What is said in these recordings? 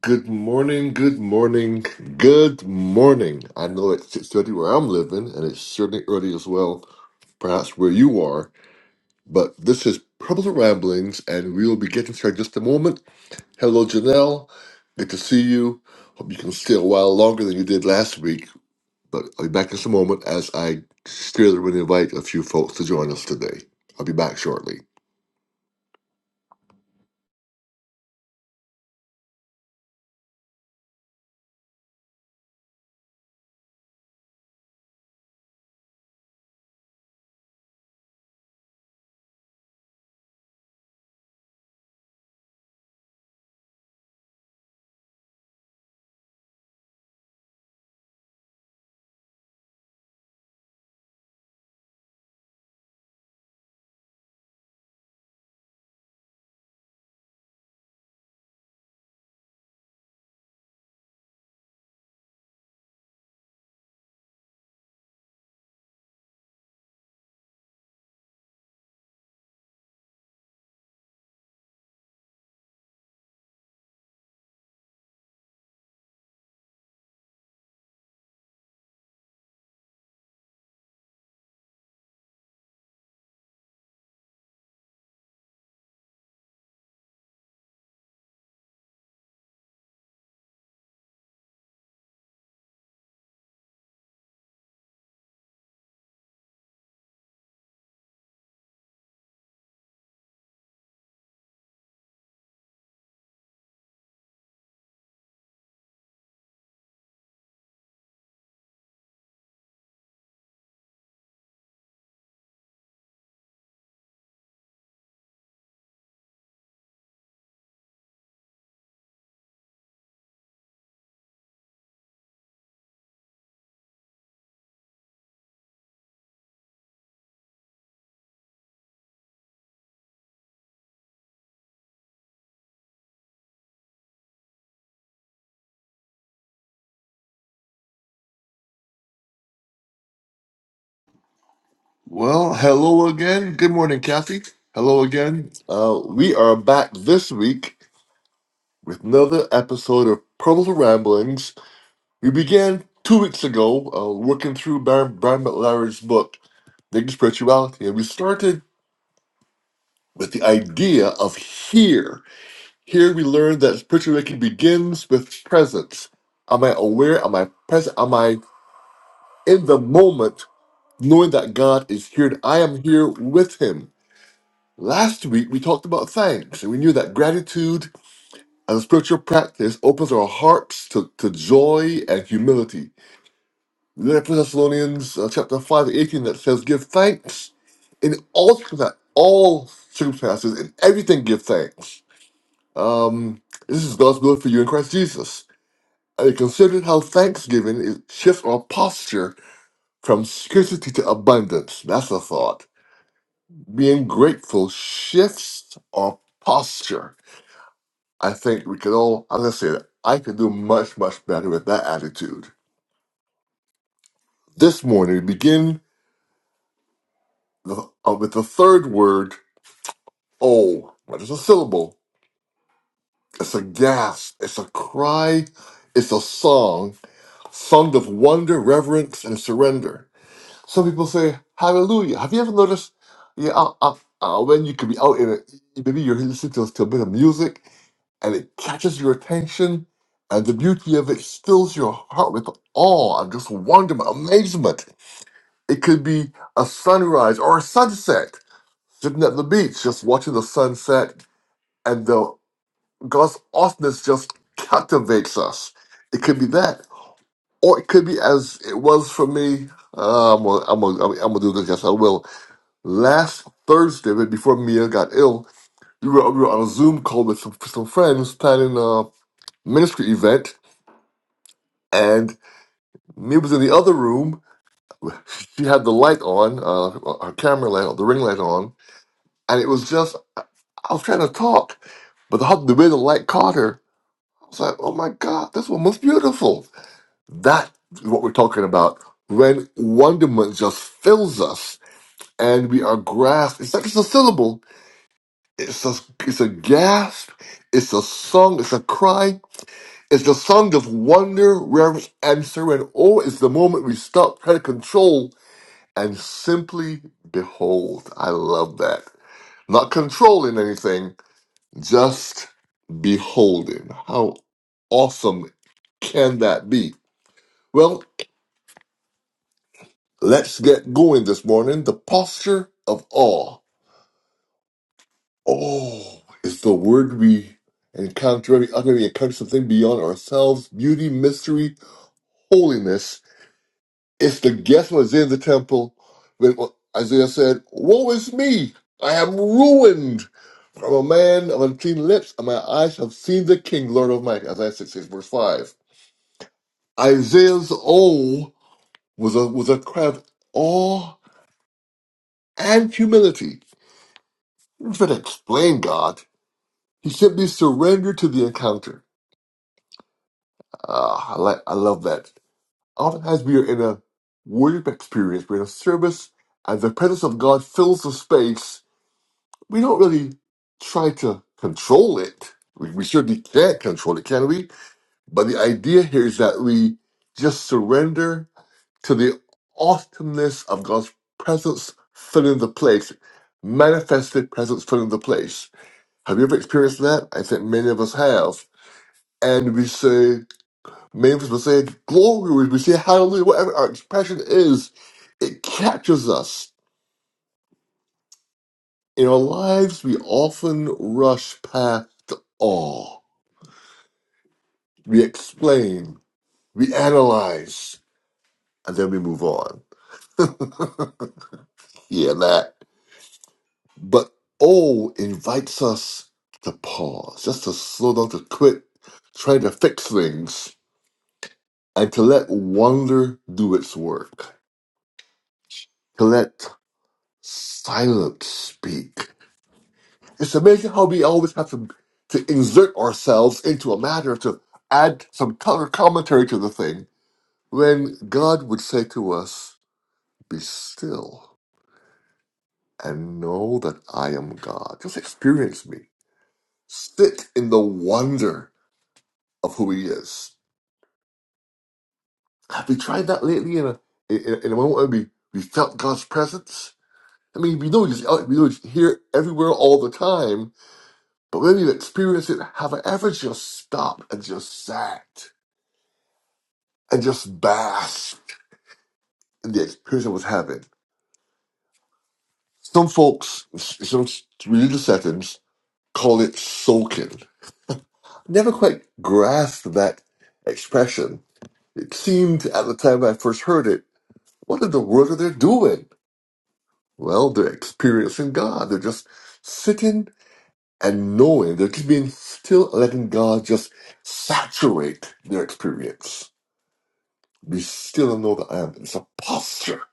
Good morning, good morning, good morning. I know it's 6.30 where I'm living, and it's certainly early as well, perhaps where you are, but this is Purple Ramblings, and we will be getting started in just a moment. Hello, Janelle. Good to see you. Hope you can stay a while longer than you did last week, but I'll be back in just a moment as I still would invite a few folks to join us today. I'll be back shortly. Well, hello again. Good morning, Kathy. Hello again. Uh, we are back this week with another episode of Purple Ramblings. We began two weeks ago uh, working through Brian, Brian McLaren's book, Naked Spirituality, and we started with the idea of here. Here we learned that spirituality begins with presence. Am I aware? Am I present? Am I in the moment, knowing that God is here and I am here with Him? Last week we talked about thanks, and we knew that gratitude as a spiritual practice opens our hearts to, to joy and humility. Then in Thessalonians uh, chapter 5 18 that says, Give thanks in all circumstances, all circumstances, in everything give thanks. Um, this is God's will for you in Christ Jesus. And it considered how thanksgiving is, shifts our posture from scarcity to abundance. That's a thought. Being grateful shifts our posture. I think we could all, as I said, I could do much, much better with that attitude. This morning, we begin the, uh, with the third word Oh, what is a syllable? It's a gasp. It's a cry. It's a song, sung of wonder, reverence, and surrender. Some people say hallelujah. Have you ever noticed? Yeah, uh, uh, uh, when you could be out in a, maybe you're listening to, to a bit of music, and it catches your attention, and the beauty of it fills your heart with awe and just wonderment, amazement. It could be a sunrise or a sunset, sitting at the beach, just watching the sunset, and the God's awesomeness just captivates us. It could be that, or it could be as it was for me. Uh, I'm gonna, I'm gonna, I'm gonna do this. Yes, I will. Last Thursday, right before Mia got ill, we were, we were on a Zoom call with some, with some friends planning a ministry event, and Mia was in the other room. She had the light on, uh, her camera light, on, the ring light on, and it was just I was trying to talk, but the, the way the light caught her, I was like, "Oh my God, this woman's beautiful." That is what we're talking about when wonderment just fills us and we are grasped. It's not just a syllable, it's a, it's a gasp, it's a song, it's a cry. It's the song of wonder, reverence, and surrender. Oh, it's the moment we stop trying to control and simply behold. I love that. Not controlling anything, just beholding. How awesome can that be? Well, Let's get going this morning. The posture of awe. Oh, is the word we encounter. Every time we encounter something beyond ourselves, beauty, mystery, holiness. If the guest was in the temple when Isaiah said, "Woe is me! I am ruined. From a man of unclean lips, and my eyes have seen the King, Lord Almighty." Isaiah 66, verse five. Isaiah's "Oh" was a was a cry of awe and humility. Trying to explain God. He simply surrendered to the encounter. Ah, I like, I love that. Oftentimes we are in a worship experience, we're in a service, and the presence of God fills the space. We don't really try to control it. We, we certainly can't control it, can we? But the idea here is that we just surrender to the awesomeness of God's presence filling the place, manifested presence filling the place. Have you ever experienced that? I think many of us have and we say, Mavis was saying, glory, we say hallelujah, whatever our expression is, it captures us. In our lives, we often rush past awe. We explain, we analyze, and then we move on. yeah, that. But awe invites us to pause, just to slow down, to quit trying to fix things, and to let wonder do its work, to let silence speak It's amazing how we always have to, to insert ourselves into a matter to add some color commentary to the thing when God would say to us, Be still and know that I am God. Just experience me. Sit in the wonder of who He is. Have we tried that lately in a, in, in a moment when we, we felt God's presence? I mean, we know He's out, we know He's here everywhere all the time, but when you experience it, have I ever just stopped and just sat? and just bask in the experience I was having. Some folks, s- some religious settings, call it soaking. Never quite grasped that expression. It seemed at the time I first heard it, what in the world are they doing? Well, they're experiencing God. They're just sitting and knowing. They're just being still, letting God just saturate their experience. Be still and know that I am. It's a posture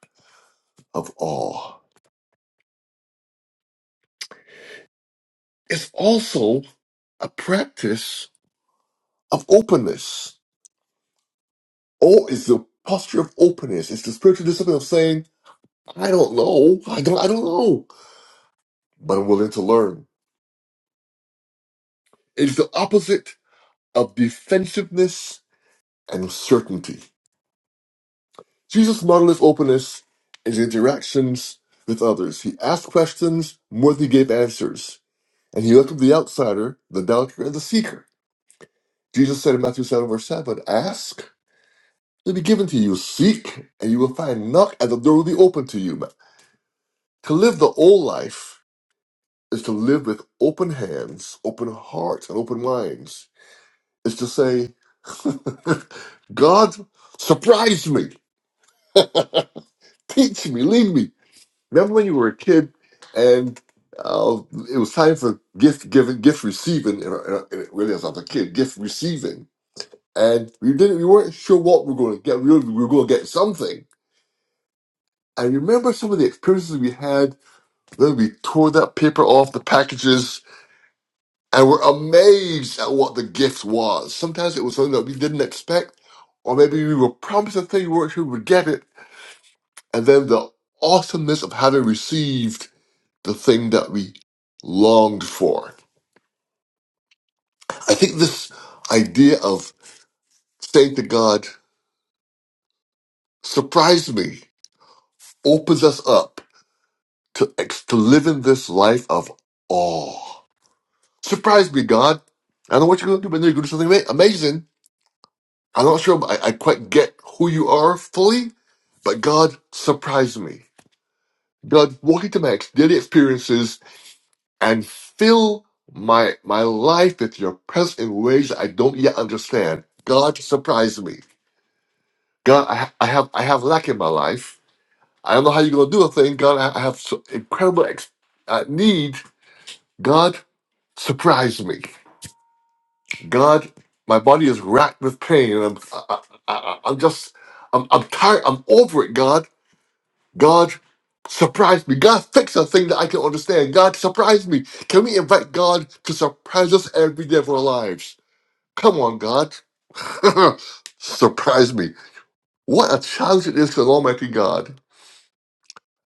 of awe. It's also a practice of openness. Oh, is the posture of openness. It's the spiritual discipline of saying, I don't know. I don't I don't know. But I'm willing to learn. It's the opposite of defensiveness and certainty. Jesus' modeled of openness in his interactions with others. He asked questions more than he gave answers. And he welcomed the outsider, the doubter, and the seeker. Jesus said in Matthew 7, verse 7, ask will be given to you. Seek, and you will find. Knock, and the door will be open to you. But To live the old life is to live with open hands, open hearts, and open minds. Is to say, God, surprise me, teach me, lead me. Remember when you were a kid and uh, it was time for gift giving, gift receiving, and, uh, and it really as I was a kid, gift receiving. And we didn't, we weren't sure what we were going to get. We were, we were going to get something I remember some of the experiences we had when we tore that paper off the packages and were amazed at what the gift was. Sometimes it was something that we didn't expect, or maybe we were promised a thing we weren't sure we would get it, and then the awesomeness of having received the thing that we longed for. I think this idea of saying to God, surprise me, opens us up to, ex- to living this life of awe. Surprise me, God. I don't know what you're going to do, but I know you're going to do something ama- amazing. I'm not sure I, I quite get who you are fully, but God surprised me. God, walk into my ex- daily experiences and fill my my life with your presence in ways that I don't yet understand. God surprise me. God, I, ha- I have I have lack in my life. I don't know how you're going to do a thing. God, I, I have so incredible ex- uh, need. God, surprise me. God, my body is racked with pain. And I'm, I, I, I- I'm just, I'm, I'm tired. I'm over it, God. God, surprise me. God, fix a thing that I can understand. God, surprise me. Can we invite God to surprise us every day of our lives? Come on, God. surprise me. What a challenge it is to an Almighty God.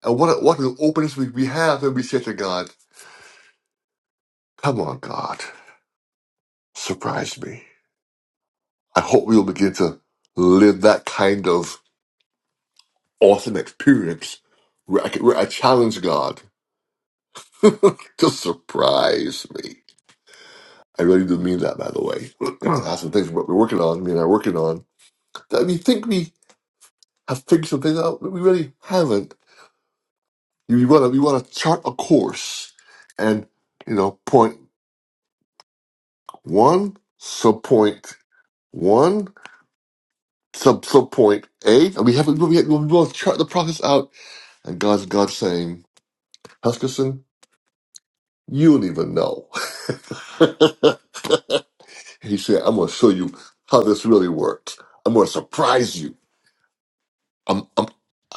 And what, a, what an openness we, we have when we say to God, Come on, God, surprise me. I hope we'll begin to live that kind of awesome experience where I, can, where I challenge God to surprise me. I really do mean that, by the way. That's some things we're we're working on, me and I are working on, that we think we have figured some things out, but we really haven't. You want to we want to chart a course, and you know, point one, sub point one, sub sub point A, and we haven't. We, we want to chart the process out, and God's God saying, Huskisson, you don't even know. He said, I'm going to show you how this really works. I'm going to surprise you. I'm, I'm,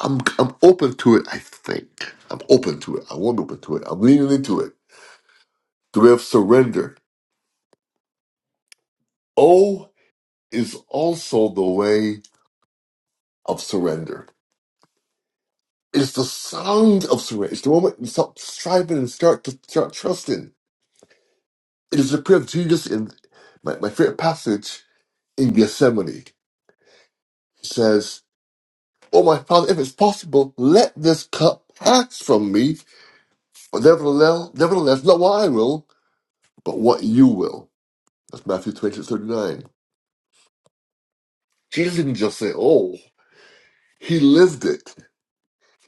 I'm, I'm open to it, I think. I'm open to it. I won't open to it. I'm leaning into it. The way of surrender. O is also the way of surrender. It's the sound of surrender. It's the moment you stop striving and start to start trusting. It is the prayer of Jesus in my, my favorite passage in Gethsemane. He says, Oh, my Father, if it's possible, let this cup pass from me. But nevertheless, nevertheless, not what I will, but what you will. That's Matthew 26, thirty-nine. Jesus didn't just say, oh, he lived it.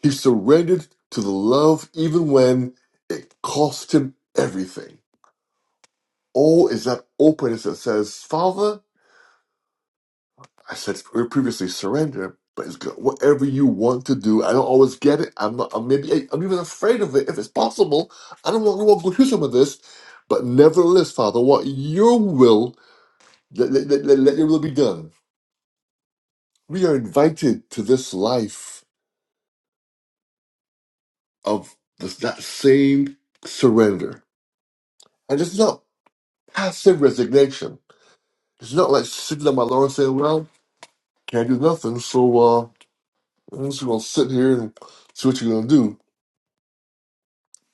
He surrendered to the love even when it cost him everything. Oh, is that openness that says, Father, I said previously, surrender, but it's good. Whatever you want to do, I don't always get it. I'm not, I'm maybe, hey, I'm even afraid of it if it's possible. I don't want to go through some of this, but nevertheless, Father, what your will Let, let, let, let- let your will be done. We are invited to this life of this, that same surrender. And it's not passive resignation. It's not like sitting on my lawn saying, well, can't do nothing, so uh, I'm just going to sit here and see what you're going to do.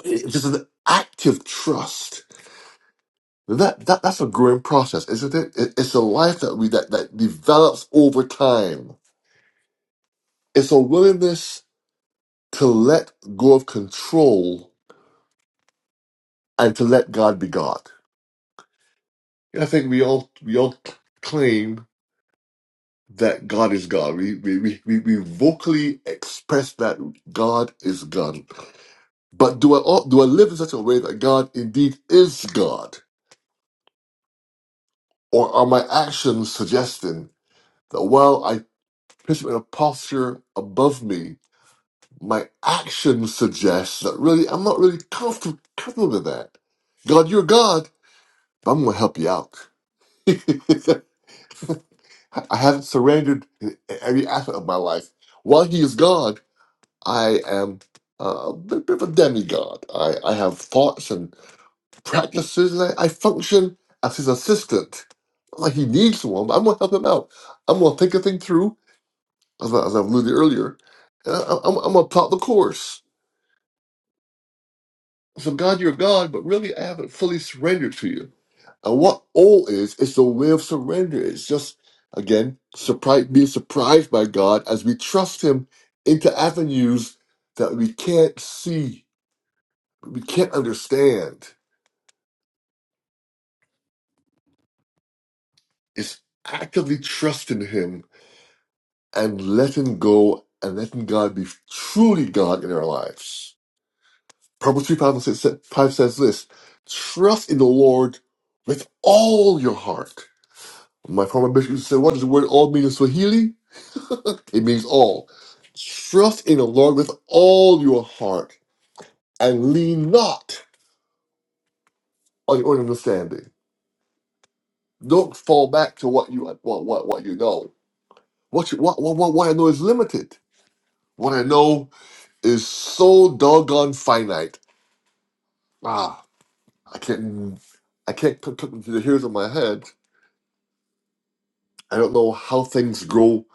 It's just an active trust. That, that That's a growing process, isn't it? it it's a life that, we, that, that develops over time. It's a willingness to let go of control and to let God be God. I think we all we all claim that God is God. We we, we, we we vocally express that God is God. But do I all, do I live in such a way that God indeed is God, or are my actions suggesting that while I place him in a posture above me, my actions suggest that really I'm not really comfortable comfortable with that. God, you're God, but I'm gonna help you out. I haven't surrendered every aspect of my life. While he is God, I am uh, a bit of a demigod. I, I have thoughts and practices, and I, I function as his assistant. Not Like he needs someone, but I'm gonna help him out. I'm gonna think a thing through, as, I, as I've alluded earlier. and I, I'm, I'm gonna plot the course. So God, you're God, but really, I haven't fully surrendered to you. And what all is, it's a way of surrender. It's just, again, surprise, being surprised by God as we trust Him into avenues that we can't see, we can't understand. It's actively trusting Him and letting go and letting God be truly God in our lives. Proverbs 3 5 and says, 5 says this Trust in the Lord with all your heart. My former bishop said, What does the word all mean in Swahili? It means all. Trust in the Lord with all your heart and lean not on your own understanding. Don't fall back to what you what what, what you know. What, you, what what what what I know is limited. What I know is so doggone finite. Ah, I can't I can't put, put to the hairs of my head. I don't know how things grow.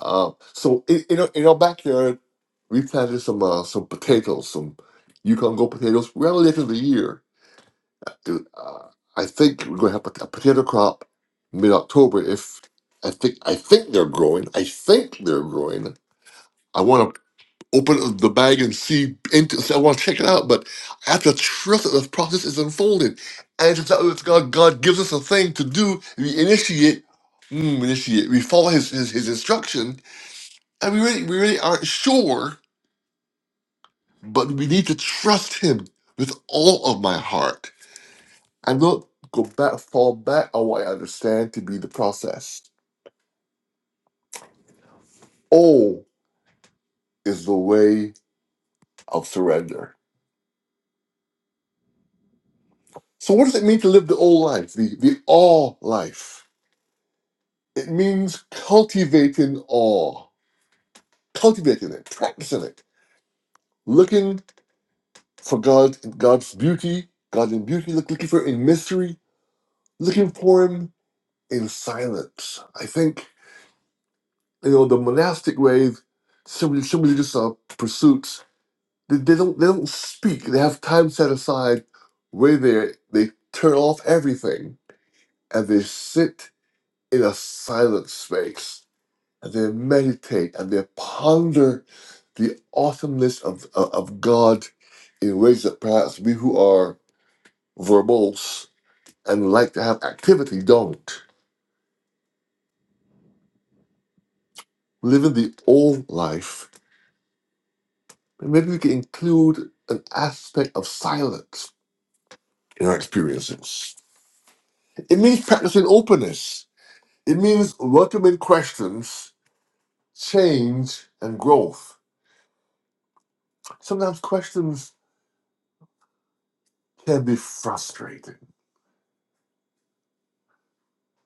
Uh, so in in our, in our backyard, we planted some uh, some potatoes, some Yukon Gold potatoes, relatively year. Dude, uh, I think we're gonna have a, a potato crop mid-October. If I think I think they're growing. I think they're growing. I want to open the bag and see. Into, See, I want to check it out, but I have to trust that the process is unfolding. And it's not that God, God gives us a thing to do. We initiate, mm, initiate. We follow His His, his instruction, and we really we really aren't sure, but we need to trust Him with all of my heart I don't go back, fall back on what I understand to be the process. O is the way of surrender. So, what does it mean to live the O life, the, the awe life? It means cultivating awe, cultivating it, practicing it, looking for God, in God's beauty, God in beauty, look, looking for in mystery, looking for Him in silence. I think, you know, the monastic way, some, some religious uh, pursuits They, they don't they don't speak. They have time set aside where they they turn off everything and they sit in a silent space and they meditate and they ponder the awesomeness of of of God in ways that perhaps we who are verbose and like to have activity don't. Living the old life, maybe we can include an aspect of silence in our experiences. It means practicing openness. It means welcoming questions, change, and growth. Sometimes questions can be frustrating.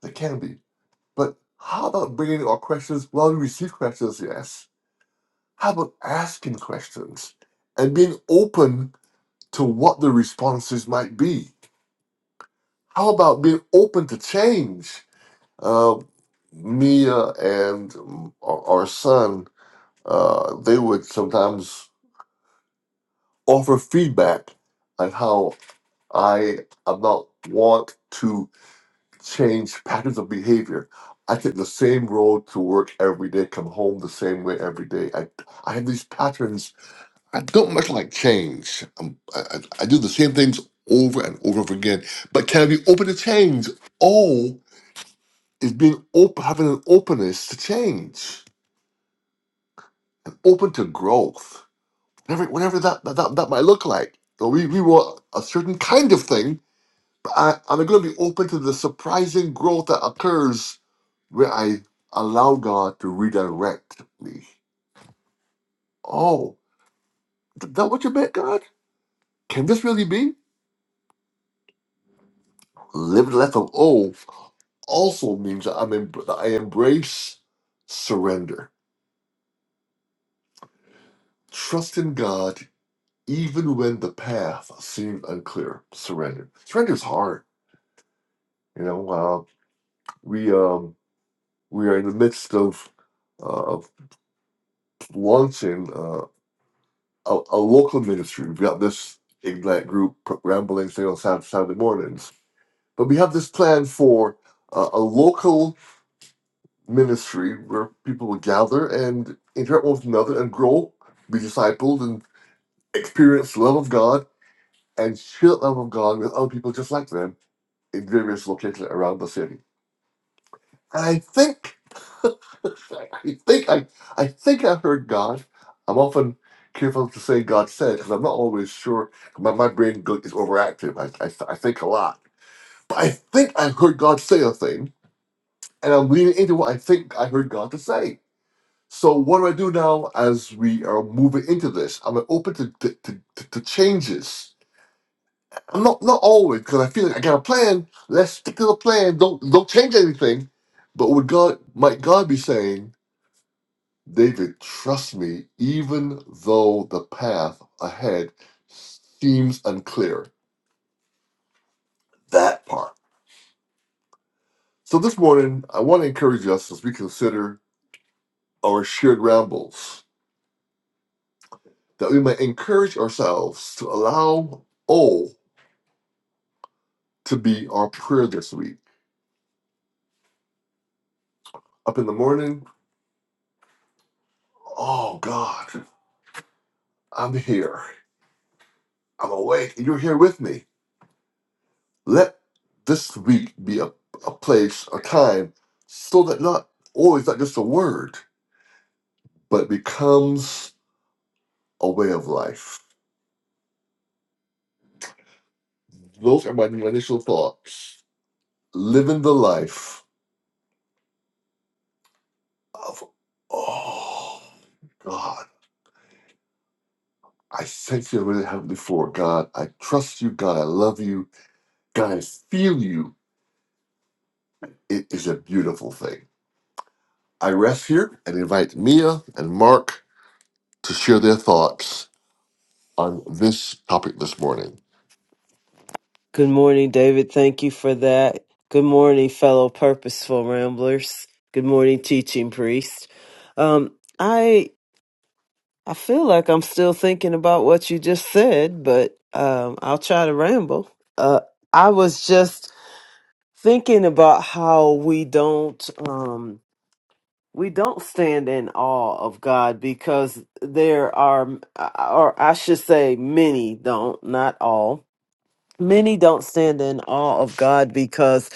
They can be. But how about bringing our questions? Well, we receive questions, yes. How about asking questions and being open to what the responses might be? How about being open to change? Uh, Mia and mm, our, our son, uh, they would sometimes offer feedback on how. I about want to change patterns of behavior. I take the same road to work every day, come home the same way every day. I, I have these patterns. I don't much like change. Um, I, I, I do the same things over and over again. But can I be open to change? Oh, is being open, having an openness to change and open to growth, whatever, whatever that, that, that might look like. So we, we want a certain kind of thing But I, I'm going to be open to the surprising growth that occurs where I allow God to redirect me. Oh, is that what you meant, God? Can this really be? Living a life of O also means that, I'm em- that I embrace surrender. Trust in God even when the path seems unclear. Surrender. Surrender is hard. You know, uh, we um, we are in the midst of uh, of launching. uh, a, a local ministry. We've got this Ignite group rambling say on Saturday, Saturday mornings, but we have this plan for uh, a local ministry where people will gather and interact with one another and grow, be discipled, and experience the love of God and share the love of God with other people just like them in various locations around the city. And I think I think I, I think I heard God. I'm often careful to say God said because I'm not always sure. My, my brain go- is overactive. I, I, I think a lot, but I think I heard God say a thing, and I'm leaning into what I think I heard God to say. So what do I do now as we are moving into this? I'm open to to, to, to, to changes. I'm not not always because I feel like I got a plan. Let's stick to the plan. Don't don't change anything. But would God might God be saying? David, trust me, even though the path ahead seems unclear. That part. So this morning, I want to encourage us as we consider our shared rambles that we might encourage ourselves to allow O to be our prayer this week. Up in the morning, oh God, I'm here. I'm awake. You're here with me. Let this week be a, a place, a time, so that not O is not just a word, but it becomes a way of life. Those are my initial thoughts. Living the life of, oh, God, I thank you, really Heavenly Father, God. I trust you, God. I love you, God. I feel you. It is a beautiful thing. I rest here and invite Mia and Mark to share their thoughts on this topic this morning. Good morning, David. Thank you for that. Good morning, fellow purposeful ramblers. Good morning, teaching priest. Um, I I feel like I'm still thinking about what you just said, but um, I'll try to ramble. Uh, I was just thinking about how we don't um, we don't stand in awe of God because there are, or I should say, many don't, not all. Many don't stand in awe of God because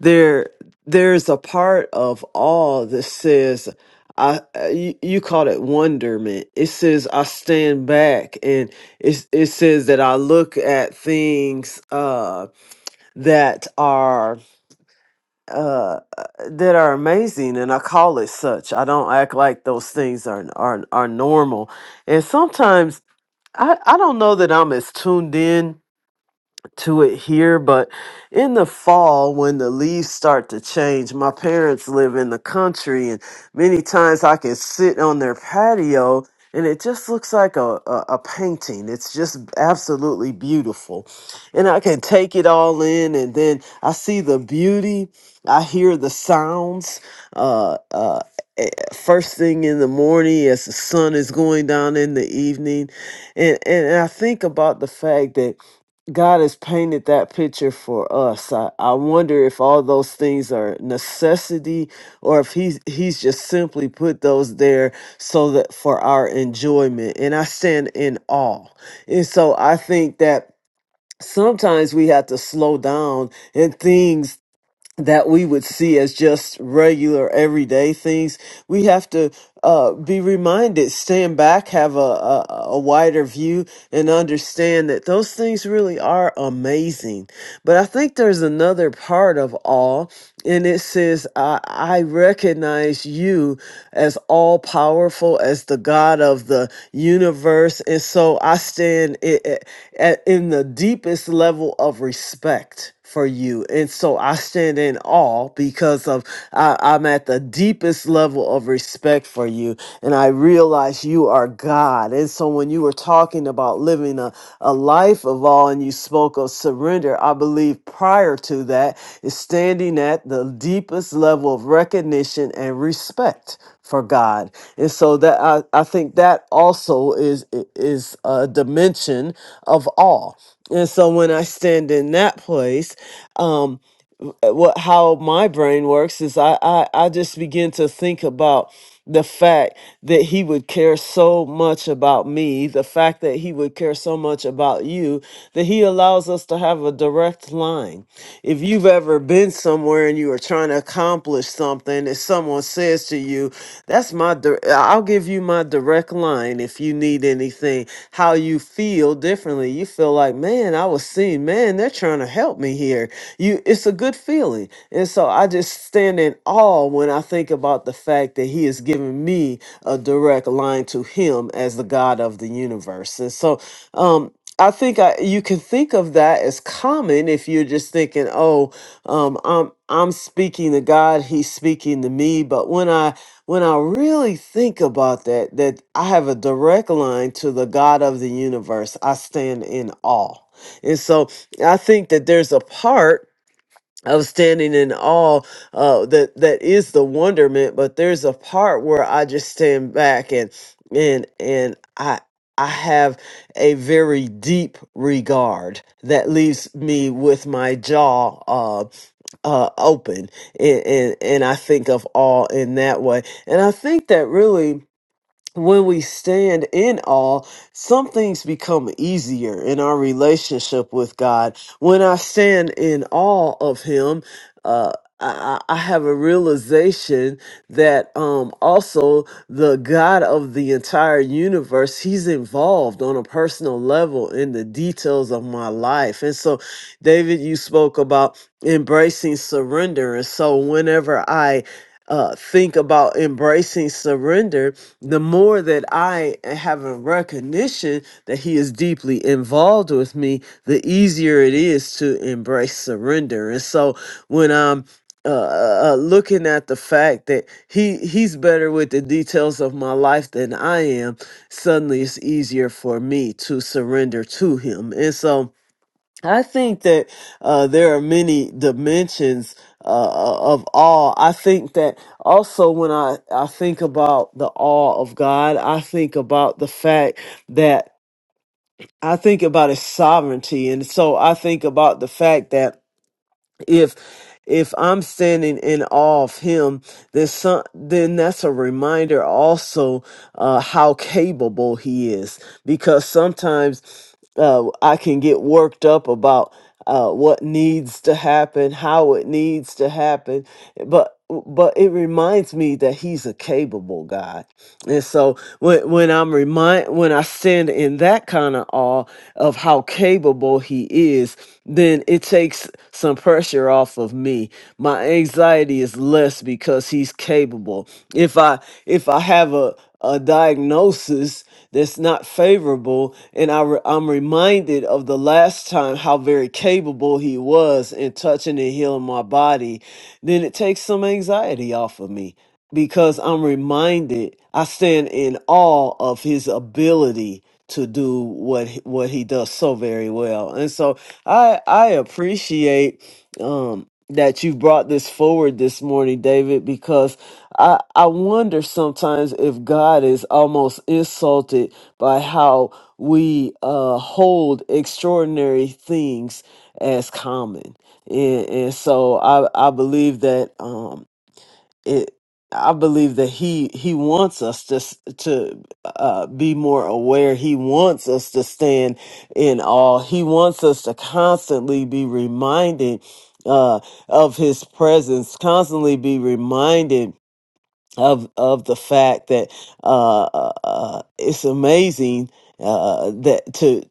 there there's a part of awe that says I you, you call it wonderment. It says I stand back and it it says that I look at things uh that are uh that are amazing and I call it such. I don't act like those things are are are normal. And sometimes I I don't know that I'm as tuned in to it here, but in the fall, when the leaves start to change, my parents live in the country, and many times I can sit on their patio and it just looks like a, a, a painting. It's just absolutely beautiful. And I can take it all in, and then I see the beauty, I hear the sounds. Uh, uh, eh, First thing in the morning, as the sun is going down in the evening, and and I think about the fact that God has painted that picture for us. I, I wonder if all those things are necessity or if he's he's just simply put those there so that for our enjoyment. And I stand in awe. And so I think that sometimes we have to slow down and things that we would see as just regular everyday things we have to uh, be reminded stand back have a, a, a wider view and understand that those things really are amazing but i think there's another part of awe, and it says i, I recognize you as all powerful as the god of the universe and so i stand i i- at, in the deepest level of respect for you. And so I stand in awe because of I, I'm at the deepest level of respect for you. And I realize you are God. And so when you were talking about living a, a life of awe and you spoke of surrender, I believe prior prior to that is standing at the deepest level of recognition and respect for God. And so that I, I think that also is is a dimension of awe. And so when I stand in that place, um, uh, what how my brain works is I, I I just begin to think about the fact that he would care so much about me, the fact that he would care so much about you, that he allows us to have a direct line. If you've ever been somewhere and you were trying to accomplish something something and someone says to you, that's my, dir- I'll give you my direct line if you need anything, how you feel differently. You feel like, man, I was seen, man, they're trying to help me here. You, it's a good feeling. And so I just stand in awe when I think about the fact that he has given me a direct line to him as the God of the universe. And so, um, I think I, you can think of that as common if you're just thinking, oh, um, I'm I'm speaking to God, He's speaking to me. But when I when I really think about that, that I have a direct line to the God of the universe, I stand in awe. And so I think that there's a part of standing in awe uh that that is the wonderment but there's a part where i just stand back and and and i i have a very deep regard that leaves me with my jaw uh uh, open and, and and I think of awe in that way, and I think that really when we stand in awe, some things become easier in our relationship with God. When I stand in awe of Him, uh, I, I I have a realization that um, also the God of the entire universe, He's involved on a personal level in the details of my life. And so, David, you spoke about embracing surrender. And so, whenever I uh, think about embracing surrender, the more that I have a recognition that He is deeply involved with me, the easier it is to embrace surrender. And so when I'm uh, uh, uh, looking at the fact that he he's better with the details of my life than I am, suddenly it's easier for me to surrender to him. And so, I think that uh, there are many dimensions uh, uh, of awe. I think that also when I, I think about the awe of God, I think about the fact that I think about his sovereignty. And so I think about the fact that if if I'm standing in awe of him, then some, then that's a reminder also uh, how capable he is. Because sometimes uh, I can get worked up about uh, what needs to happen, how it needs to happen, but but it reminds me that he's a capable God. And so when when I'm remind when I stand in that kind of awe of how capable he is, then it takes some pressure off of me. My anxiety is less because he's capable. If I if I have a a diagnosis that's not favorable, and I re- I'm reminded of the last time how very capable he was in touching and healing my body, then it takes some anxiety off of me because I'm reminded I stand in awe of his ability to do what he- what he does so very well. And so I I appreciate um that you brought this forward this morning, David, because I I wonder sometimes if God is almost insulted by how we uh hold extraordinary things as common. And, and so I I believe that um, it i believe that he he wants us to s- to uh be more aware he wants us to stand in awe he wants us to constantly be reminded uh of his presence constantly be reminded of of the fact that uh, uh uh, it's amazing uh that to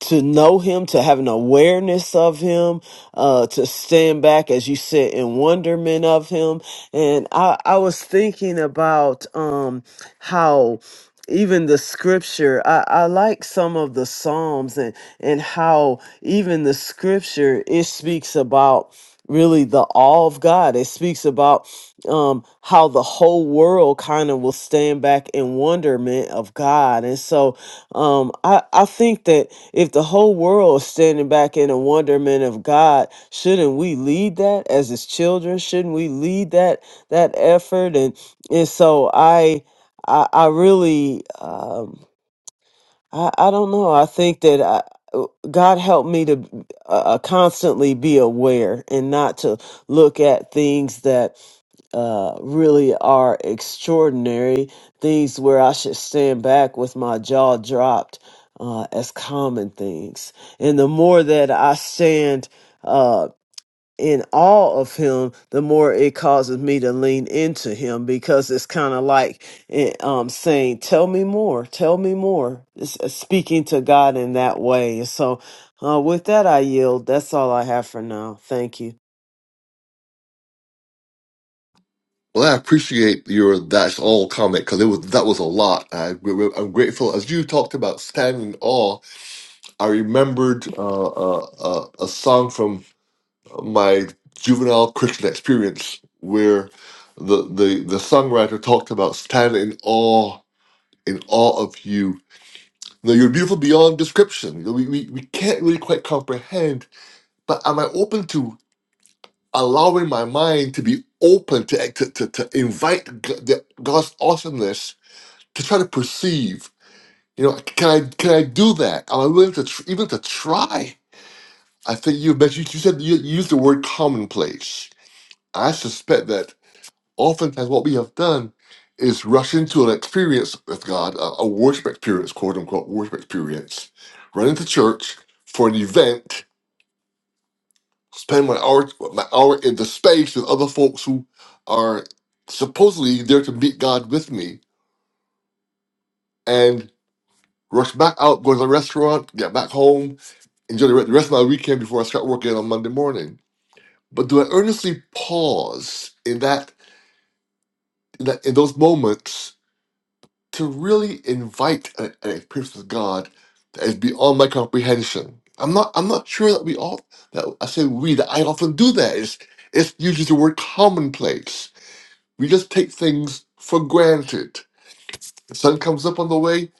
to know him, to have an awareness of him, uh, to stand back, as you said, in wonderment of him. And I, I was thinking about um, how even the scripture, I, I like some of the Psalms and, and how even the scripture, it speaks about really the awe of God. It speaks about um, how the whole world kind of will stand back in wonderment of God. And so um, I, I think that if the whole world is standing back in the wonderment of God, shouldn't we lead that as his children? Shouldn't we lead that that effort? And and so I I, I really um, I I don't know. I think that I, uh, God helped me to uh, uh, constantly be aware and not to look at things that uh, really are extraordinary things where I should stand back with my jaw dropped uh, as common things. And the more that I stand uh, in awe of Him, the more it causes me to lean into Him because it's kind of like eh, um, saying, Tell me more, tell me more. It's uh, speaking to God in that way. So, uh, with that, I yield. That's all I have for now. Thank you. Well, I appreciate your "that's all" comment because it was that was a lot. I, am grateful. As you talked about standing in awe, I remembered uh, uh, uh, a song from my juvenile Christian experience where the, the the songwriter talked about standing in awe in awe of you No, you're beautiful beyond description. You know, We, we, we can't really quite comprehend, but am I open to allowing my mind to be open to eh, to, to, to invite G- the, God's awesomeness to try to perceive? You know, can I can I do that? Am I willing to tr- even to try? I think you mentioned you said you, you used the word commonplace. I suspect that oftentimes what we have done is rush into an experience with God, a, a worship experience, quote unquote worship experience, run into church for an event, spend my hour my hour in the space with other folks who are supposedly there to meet God with me, and rush back out, go to the restaurant, get back home, enjoy the re- the rest of my weekend before I start working on Monday morning. But do I earnestly pause in that in, that, in those moments? to really invite an, an experience with God that is beyond my comprehension. I'm not I'm not sure that we all that I say we that I often do that. It's it's usually the word commonplace. We just take things for granted. The sun comes up on the way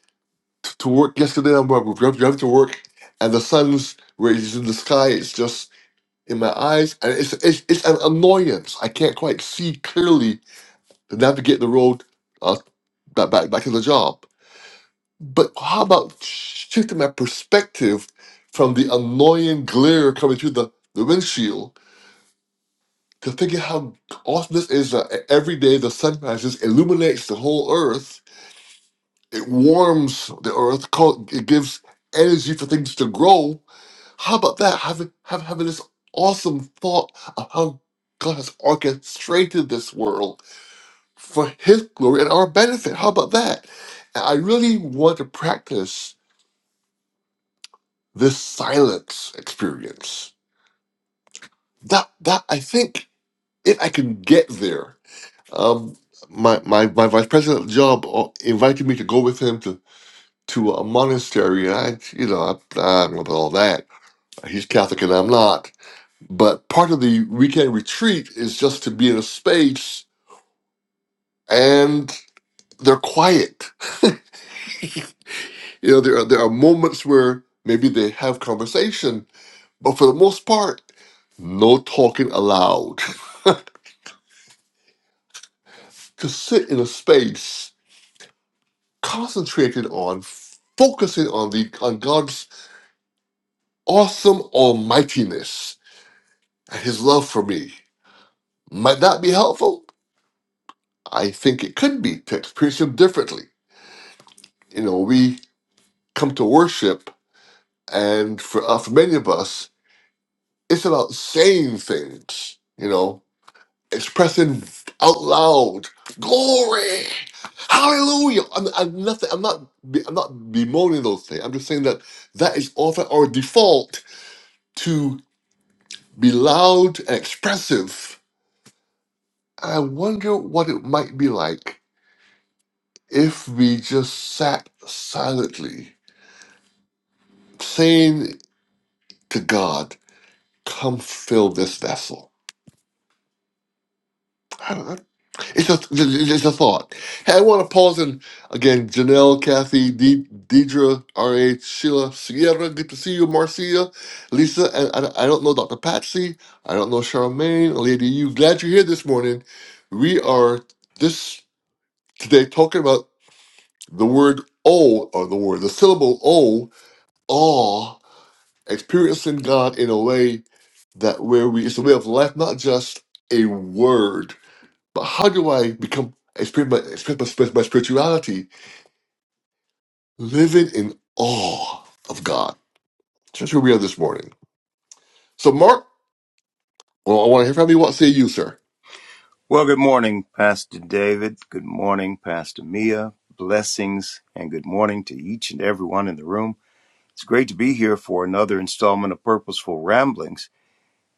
to, to work yesterday. I'm driving driving to work, and the sun's rays in the sky. It's just in my eyes, and it's it's, it's an annoyance. I can't quite see clearly to navigate the road uh, back back back to the job. But how about shifting my perspective from the annoying glare coming through the, the windshield to thinking how awesome this is that every day the sun rises, illuminates the whole earth, it warms the earth, call- it gives energy for things to grow. How about that? Having, have, having this awesome thought of how God has orchestrated this world for His glory and our benefit. How about that? And I really want to practice this silence experience. That that I think if I can get there, um, my my my vice president job uh, invited me to go with him to to a monastery, and I you know I, I don't know about all that. He's Catholic and I'm not, but part of the weekend retreat is just to be in a space and they're quiet. you know, there are, there are moments where maybe they have conversation, but for the most part, no talking allowed. to sit in a space concentrated on focusing on the on God's awesome almightiness and his love for me. Might that be helpful? I think it could be to experience him differently. You know, we come to worship and for, uh, for many of us, it's about saying things, you know, expressing out loud glory, hallelujah. I'm, I'm nothing. I'm not. be- I'm not bemoaning those things. I'm just saying that that is often our default to be loud and expressive. I wonder what it might be like if we just sat silently, saying to God, "Come fill this vessel." It's a it's a thought. Hey, I want to pause and again, Janelle, Kathy, De- Deidre, R.H., Sheila, Sierra, good to see you, Marcia, Lisa, and I, I don't know Dr. Patsy. I don't know Charmaine, Lady You. Glad you're here this morning. We are this today talking about the word O, or the word, the syllable O, awe, experiencing God in a way that where we, it's a way of life, not just a word. But how do I become express my, express my, express my spirituality living in awe of God? That's where we are this morning. So, Mark, well, I want to hear from you. What say you, sir? Well, good morning, Pastor David. Good morning, Pastor Mia. Blessings and good morning to each and everyone in the room. It's great to be here for another installment of Purposeful Ramblings.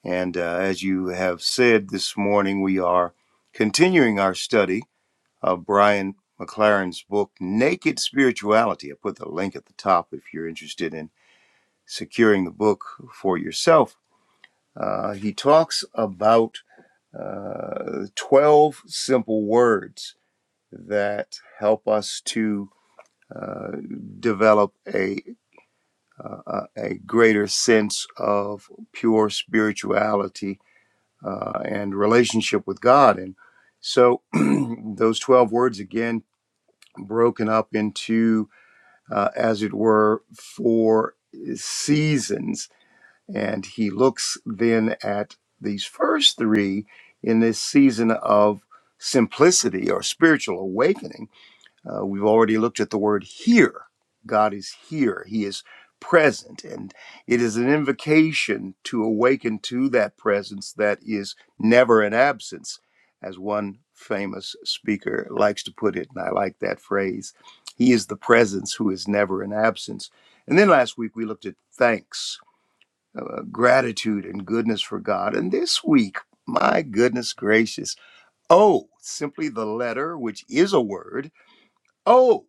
And uh, as you have said this morning, we are continuing our study of Brian McLaren's book, Naked Spirituality. I put the link at the top if you're interested in securing the book for yourself. Uh, he talks about uh, 12 simple words that help us to uh, develop a, a a greater sense of pure spirituality uh, and relationship with God. And so, those twelve words again broken up into, uh, as it were, four seasons. And he looks then at these first three in this season of simplicity or spiritual awakening Uh, we've already looked at the word here. God is here, He is present, and it is an invocation to awaken to that presence that is never an absence, as one famous speaker likes to put it, and I like that phrase. He is the presence who is never an absence. And then last week we looked at thanks, uh, gratitude, and goodness for God. And this week, my goodness gracious, oh, simply the letter, which is a word, Oh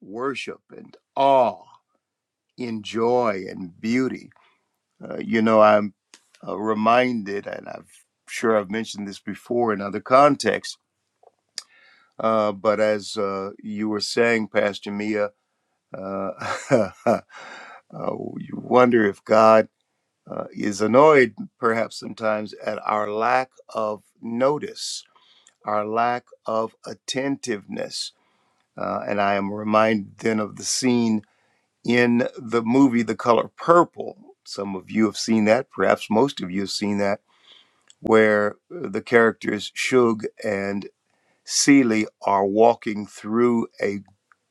worship and awe in joy and beauty. Uh, you know, I'm uh, reminded, and I'm sure I've mentioned this before in other contexts, uh, but as uh, you were saying, Pastor Mia, uh, uh, you wonder if God uh, is annoyed perhaps sometimes at our lack of notice, our lack of attentiveness. Uh, and I am reminded then of the scene in the movie The Color Purple. Some of you have seen that, perhaps most of you have seen that, where uh, the characters Shug and Celie are walking through a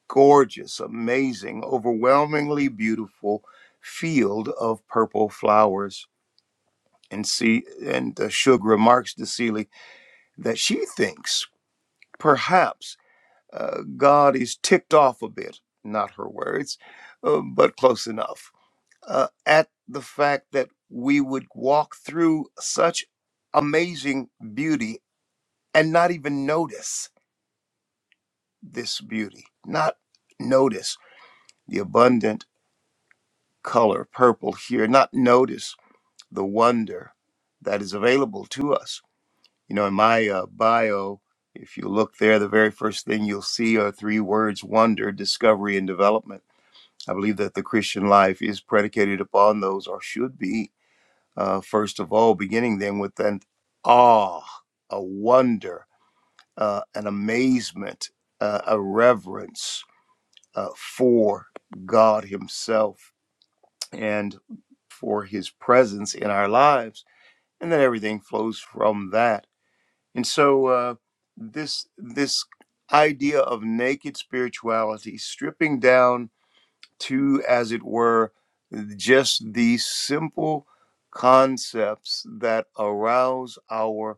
gorgeous, amazing, overwhelmingly beautiful field of purple flowers. And see, and uh, Shug remarks to Celie that she thinks perhaps uh, God is ticked off a bit. Not her words, uh, but close enough uh, at the fact that we would walk through such amazing beauty and not even notice this beauty, not notice the abundant color purple here, not notice the wonder that is available to us. You know, in my uh, bio, if you look there, the very first thing you'll see are three words wonder, discovery, and development. I believe that the Christian life is predicated upon those or should be uh, first of all, beginning then with an awe, a wonder, uh, an amazement, uh, a reverence uh, for God Himself and for His presence in our lives, and then everything flows from that. And so, uh, this this idea of naked spirituality, stripping down to, as it were, just these simple concepts that arouse our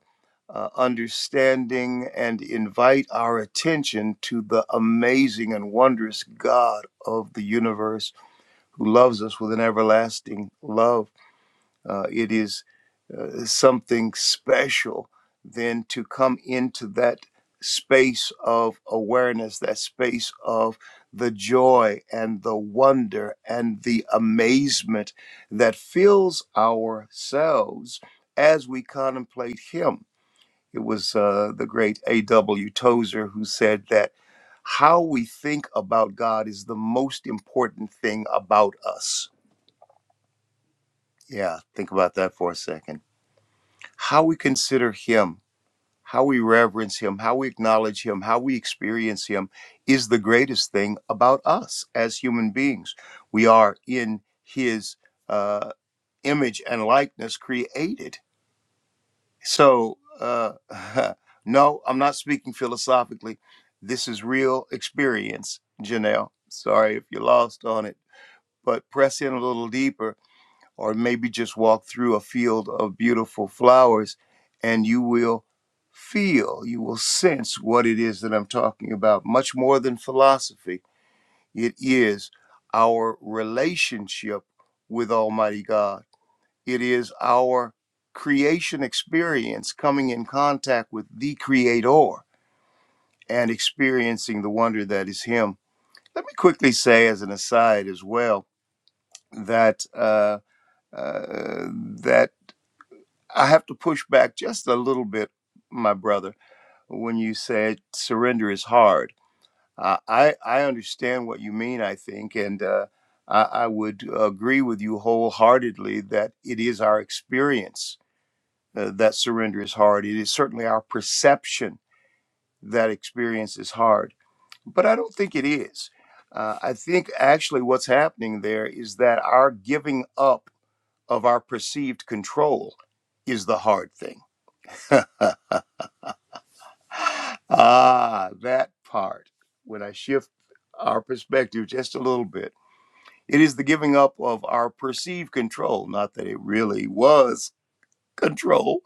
uh, understanding and invite our attention to the amazing and wondrous God of the universe who loves us with an everlasting love. Uh, it is uh, something special than to come into that space of awareness, that space of the joy and the wonder and the amazement that fills ourselves as we contemplate Him. It was uh, the great A.W. Tozer who said that how we think about God is the most important thing about us. Yeah, think about that for a second. How we consider Him how we reverence him, how we acknowledge him, how we experience him is the greatest thing about us as human beings. We are in his uh, image and likeness created. So, uh, no, I'm not speaking philosophically. This is real experience, Janelle. Sorry if you're lost on it, but press in a little deeper or maybe just walk through a field of beautiful flowers and you will feel, you will sense what it is that I'm talking about. Much more than philosophy, it is our relationship with Almighty God, it is our creation experience coming in contact with the Creator and experiencing the wonder that is Him. Let me quickly say, as an aside as well, that. Uh, uh, that I have to push back just a little bit, my brother, when you said surrender is hard. Uh, I I understand what you mean. I think, and uh, I, I would agree with you wholeheartedly that it is our experience uh, that surrender is hard. It is certainly our perception that experience is hard, but I don't think it is. Uh, I think actually what's happening there is that our giving up of our perceived control is the hard thing Ah, that part. When I shift our perspective just a little bit, it is the giving up of our perceived control. Not that it really was control,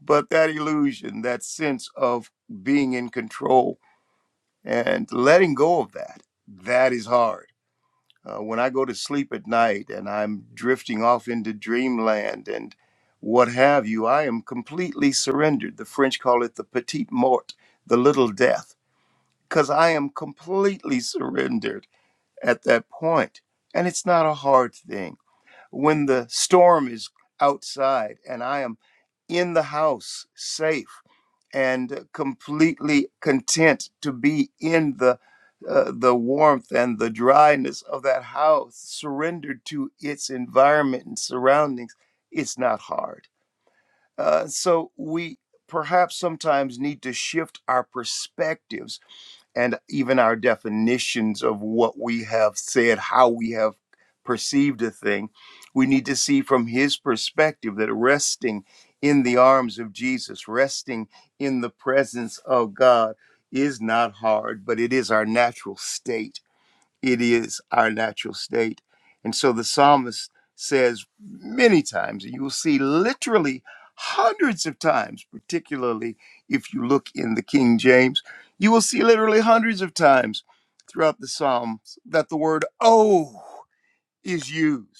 but that illusion, that sense of being in control and letting go of that. That is hard. Uh, when I go to sleep at night and I'm drifting off into dreamland and what have you, I am completely surrendered. The French call it the petite mort, the little death because I am completely surrendered at that point. And it's not a hard thing. When the storm is outside and I am in the house, safe and completely content to be in the uh, the warmth and the dryness of that house, surrendered to its environment and surroundings, it's not hard. Uh, so we perhaps sometimes need to shift our perspectives and even our definitions of what we have said, how we have perceived a thing. We need to see from his perspective that resting in the arms of Jesus, resting in the presence of God, is not hard, but it is our natural state it is our natural state. And so the psalmist says many times, and you will see literally hundreds of times, particularly if you look in the King James, you will see literally hundreds of times throughout the Psalms that the word oh is used.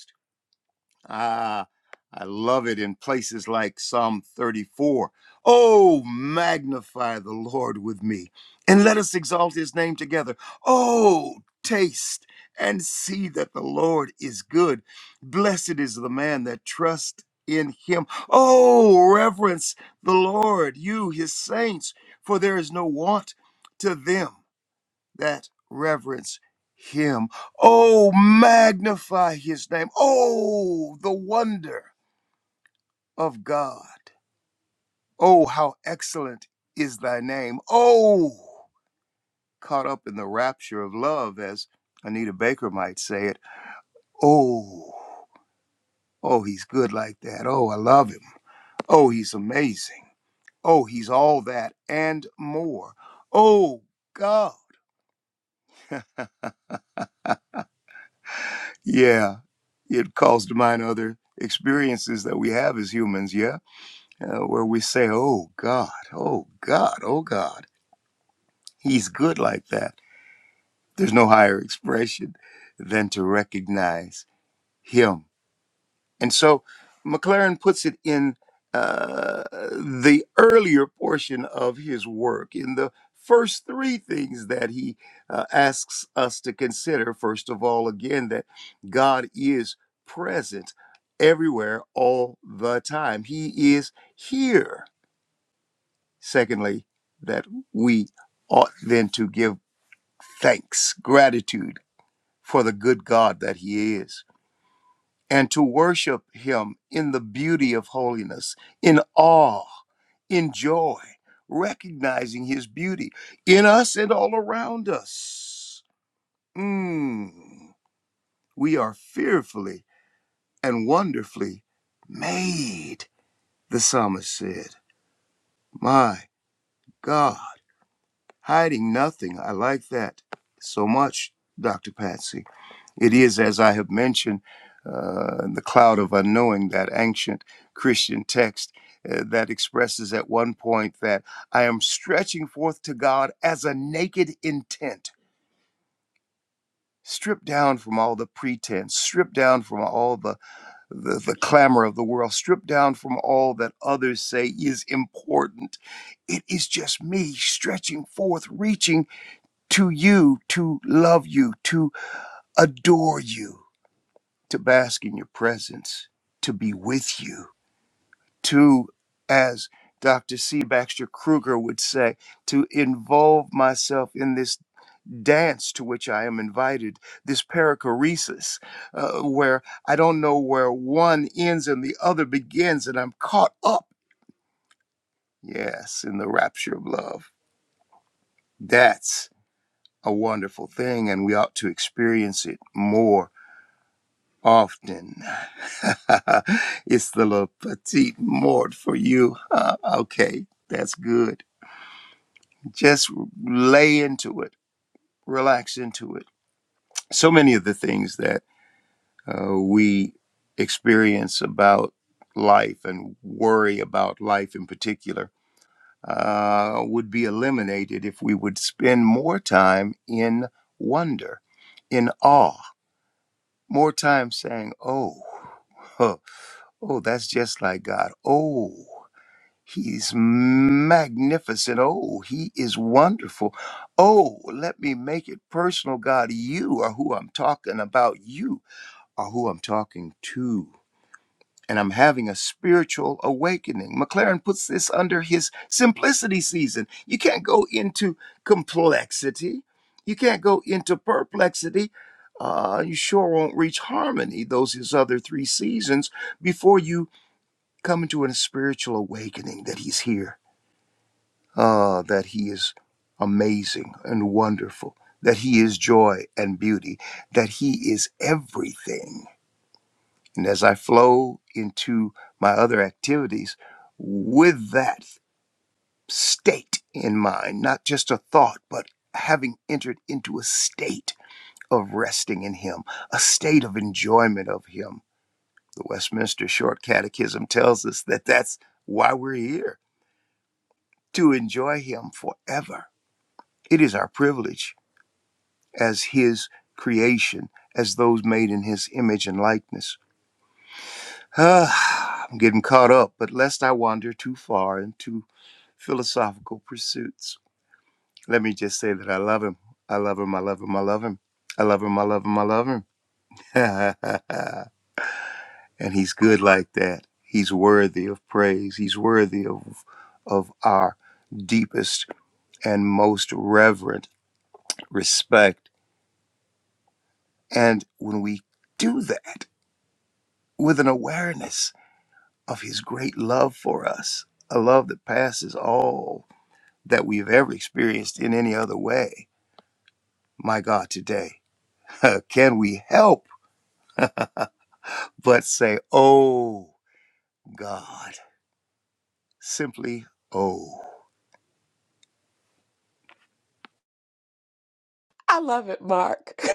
Ah, I love it in places like Psalm 34. Oh, magnify the Lord with me and let us exalt his name together. Oh, taste and see that the Lord is good. Blessed is the man that trusts in him. Oh, reverence the Lord, you, his saints, for there is no want to them that reverence him. Oh, magnify his name. Oh, the wonder of God. Oh, how excellent is thy name. Oh, caught up in the rapture of love, as Anita Baker might say it. Oh, oh, he's good like that. Oh, I love him. Oh, he's amazing. Oh, he's all that and more. Oh, God. Yeah, it calls to mind other experiences that we have as humans, yeah, uh, where we say, oh God, oh God, oh God, he's good like that. There's no higher expression than to recognize him And so McLaren puts it in uh, the earlier portion of his work, in the first three things that he uh, asks us to consider. First of all, again, that God is present everywhere all the time, He is here. Secondly, that we ought then to give thanks, gratitude for the good God that He is and to worship Him in the beauty of holiness, in awe, in joy, recognizing His beauty in us and all around us. Mm, we are fearfully and wonderfully made, the psalmist said. My God, hiding nothing. I like that so much, Dr. Patsy. It is, as I have mentioned, uh, the cloud of unknowing, that ancient Christian text uh, that expresses at one point that I am stretching forth to God as a naked intent. Stripped down from all the pretense, stripped down from all the, the, the clamor of the world, stripped down from all that others say is important. It is just me stretching forth, reaching to you to love you, to adore you to bask in your presence, to be with you, to, as Dr. C. Baxter Kruger would say, to involve myself in this dance to which I am invited, this perichoresis, uh, where I don't know where one ends and the other begins, and I'm caught up, yes, in the rapture of love. That's a wonderful thing, and we ought to experience it more often. it's the little petite mort for you. huh? okay, that's good. Just lay into it, relax into it. So many of the things that uh, we experience about life and worry about life in particular uh, would be eliminated if we would spend more time in wonder, in awe, more time saying, oh, huh, oh, that's just like God. Oh. He's magnificent. Oh, he is wonderful. Oh, let me make it personal, God. You are who I'm talking about. You are who I'm talking to. And I'm having a spiritual awakening. McLaren puts this under his simplicity season. You can't go into complexity, you can't go into perplexity. Uh, you sure won't reach harmony, those his other three seasons, before you come into a spiritual awakening that he's here Ah, that He is amazing and wonderful, that He is joy and beauty, that He is everything. And as I flow into my other activities with that state in mind, not just a thought, but having entered into a state of resting in Him, a state of enjoyment of Him. The Westminster Short Catechism tells us that that's why we're here, to enjoy Him forever. It is our privilege as his creation, as those made in his image and likeness. Ah, I'm getting caught up, but lest I wander too far into philosophical pursuits, let me just say that I love him. I love him. I love him. I love him. I love him. I love him. I love him. and he's good like that. He's worthy of praise. He's worthy of, of our deepest and most reverent respect. And when we do that with an awareness, of his great love for us, a love that passes all that we've ever experienced in any other way. My God, today, can we help but say, Oh God, simply, Oh. I love it, Mark.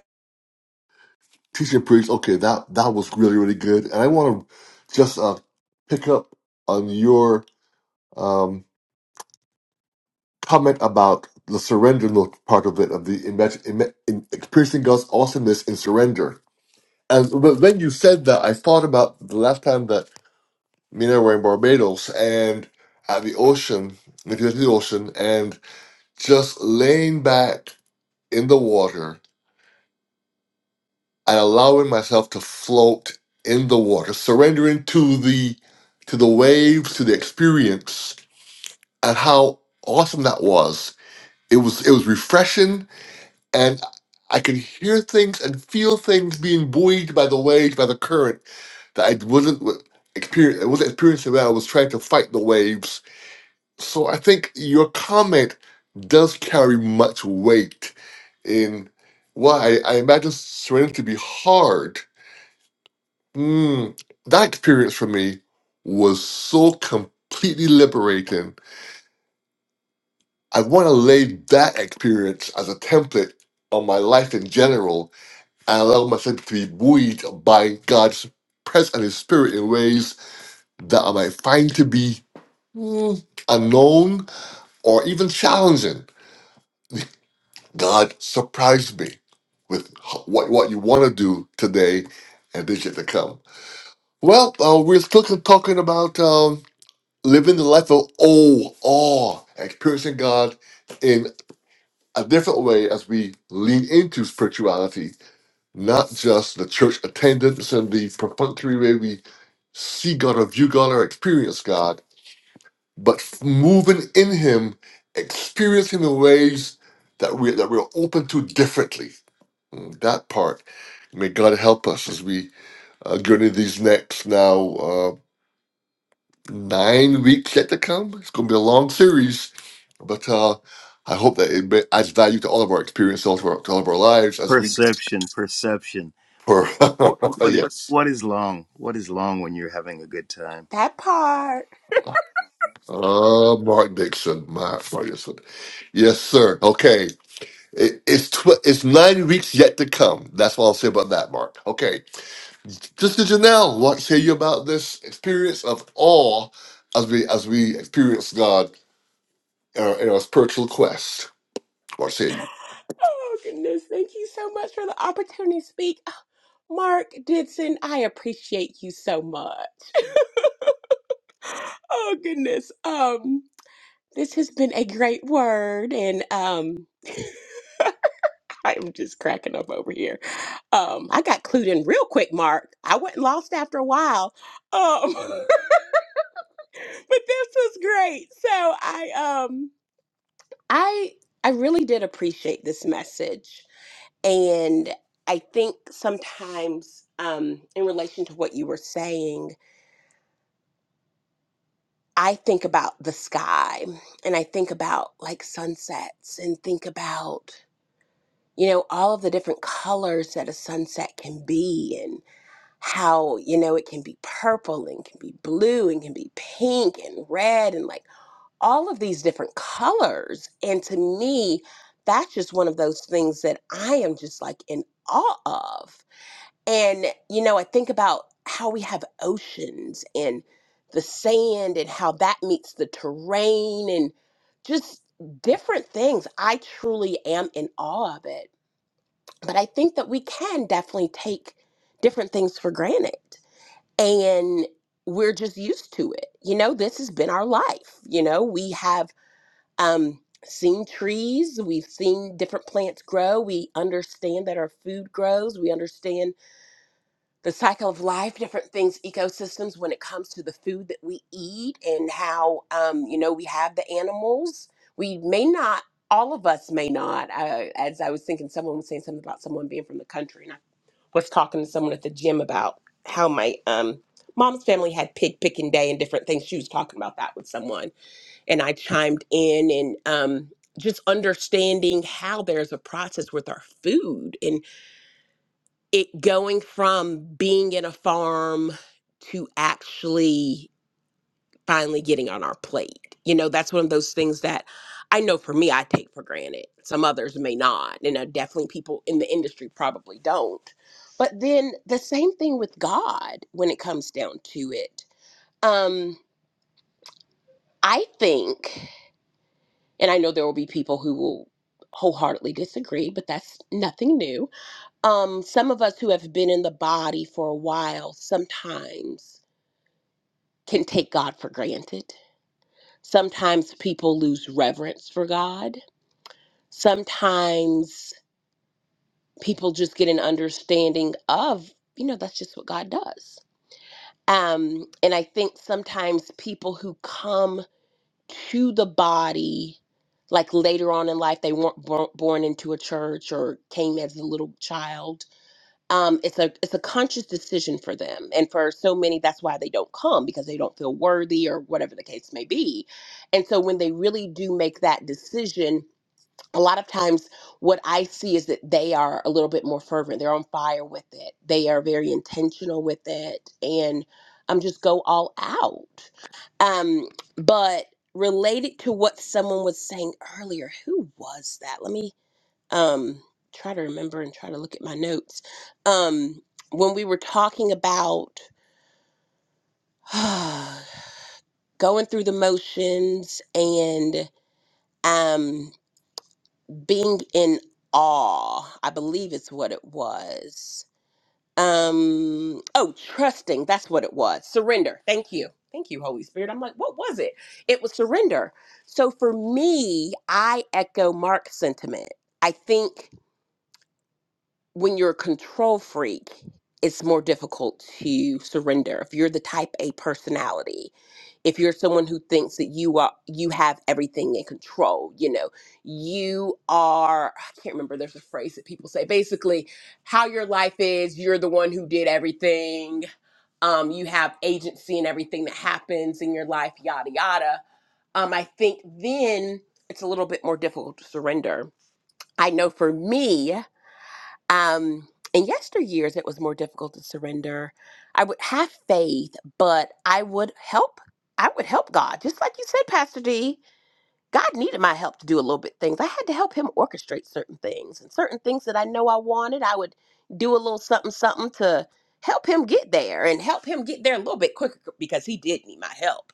Teaching priest. Okay, that that was really really good, and I want to just uh, pick up on your um, comment about the surrender note part of it of the imag- ima- in experiencing God's awesomeness in surrender. And wh- when you said that, I thought about the last time that me and I were in Barbados and at the ocean, if you go to the ocean, and just laying back in the water and allowing myself to float in the water, surrendering to the to the waves, to the experience, and how awesome that was. It was it was refreshing and I could hear things and feel things being buoyed by the waves, by the current that I wasn't experience I wasn't experiencing when I was trying to fight the waves So I think your comment does carry much weight in why I, I imagine surrender to be hard. Mm, that experience for me was so completely liberating. I want to lay that experience as a template on my life in general and allow myself to be buoyed by God's presence and His Spirit in ways that I might find to be mm, unknown or even challenging. God surprised me with h- what what you want to do today and this year to come. Well, uh, we're still c- talking about um, living the life of oh, awe, experiencing God in a different way as we lean into spirituality, not just the church attendance and the perfunctory way we see God or view God or experience God, but f- moving in Him, experiencing the ways that we that we're open to differently Mm, That part. May God help us as we uh, go these next now uh, nine weeks yet to come. It's going to be a long series, but uh, I hope that it may- adds value to all of our experience, all of our, to all of our lives as we. Perception, perception. For What, what, what is, yes, what is long? What is long when you're having a good time? That part. uh, Mark Dixon, my Mark Dixon. Yes, sir. Okay, it, it's tw- it's nine weeks yet to come. That's what I'll say about that, Mark. Okay, Sister Janelle, what say you about this experience of awe as we as we experience God in our, in our spiritual quest? What say you? Oh, goodness. Thank you so much for the opportunity to speak. Mark Didson, I appreciate you so much. Oh, goodness. Um, this has been a great word, and um, I'm just cracking up over here. Um, I got clued in real quick, Mark. I wasn't lost after a while. Um, but this was great. So I um I I really did appreciate this message. And I think sometimes, um, in relation to what you were saying, I think about the sky and I think about like sunsets and think about, you know, all of the different colors that a sunset can be and how, you know, it can be purple and can be blue and can be pink and red and like all of these different colors. And to me, that's just one of those things that I am just like in awe of And, you know, I think about how we have oceans and the sand and how that meets the terrain and just different things. I truly am in awe of it. But I think that we can definitely take different things for granted. And we're just used to it. You know, this has been our life. You know, we have um, seen trees, we've seen different plants grow, we understand that our food grows, we understand the cycle of life, different things, ecosystems when it comes to the food that we eat and how, um, you know, we have the animals. We may not, all of us may not. I, as I was thinking, someone was saying something about someone being from the country, and I was talking to someone at the gym about how my um, mom's family had pig picking day and different things. She was talking about that with someone, and I chimed in and um, just understanding how there's a process with our food and it going from being in a farm to actually finally getting on our plate. You know, that's one of those things that I know for me, I take for granted. Some others may not. You know, definitely people in the industry probably don't. But then the same thing with God when it comes down to it. Um, I think, and I know there will be people who will wholeheartedly disagree, but that's nothing new um, some of us who have been in the body for a while sometimes can take God for granted. Sometimes people lose reverence for God. Sometimes people just get an understanding of, you know, that's just what God does. Um, and I think sometimes people who come to the body, like later on in life, they weren't bor- born into a church or came as a little child um, it's a it's a conscious decision for them and for so many that's why they don't come because they don't feel worthy or whatever the case may be and so when they really do make that decision a lot of times what i see is that they are a little bit more fervent they're on fire with it they are very intentional with it and um, just go all out um, but related to what someone was saying earlier who was that let me um try to remember and try to look at my notes um when we were talking about going through the motions and um being in awe i believe it's what it was um oh trusting that's what it was surrender thank you thank you holy spirit i'm like what was it it was surrender so for me i echo mark's sentiment i think when you're a control freak, it's more difficult to surrender. If you're the type A personality, if you're someone who thinks that you are you have everything in control, you know, you are I can't remember there's a phrase that people say basically how your life is, you're the one who did everything. Um, you have agency in everything that happens in your life, yada yada. Um, I think then it's a little bit more difficult to surrender. I know for me, um, in yesteryears, it was more difficult to surrender. I would have faith, but I would help. I would help God, just like you said, Pastor D. God needed my help to do a little bit things. I had to help Him orchestrate certain things and certain things that I know I wanted. I would do a little something, something to help Him get there and help Him get there a little bit quicker because He did need my help.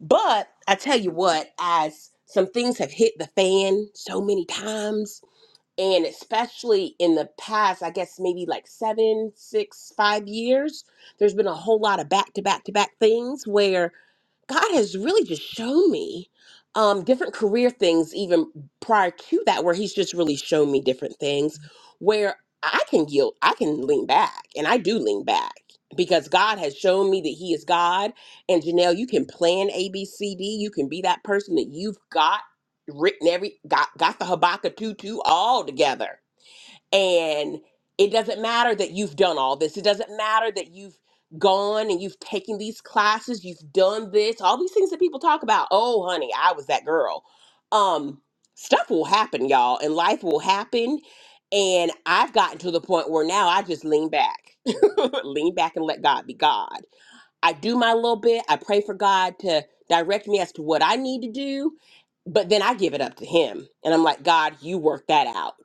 But I tell you what, as some things have hit the fan so many times, and especially in the past i guess maybe like seven six five years there's been a whole lot of back to back to back things where God has really just shown me um, different career things, even prior to that, where He's just really shown me different things where I can yield, I can lean back, and I do lean back because God has shown me that He is God. And Janelle, you can plan A, B, C, D. You can be that person that you've got written every got got the Habakkuk two two all together and it doesn't matter that you've done all this. It doesn't matter that you've gone and you've taken these classes, you've done this, all these things that people talk about. Oh, honey, I was that girl. Um, stuff will happen, y'all, and life will happen. And I've gotten to the point where now I just lean back, lean back and let God be God. I do my little bit. I pray for God to direct me as to what I need to do, but then I give it up to Him. And I'm like, God, you work that out.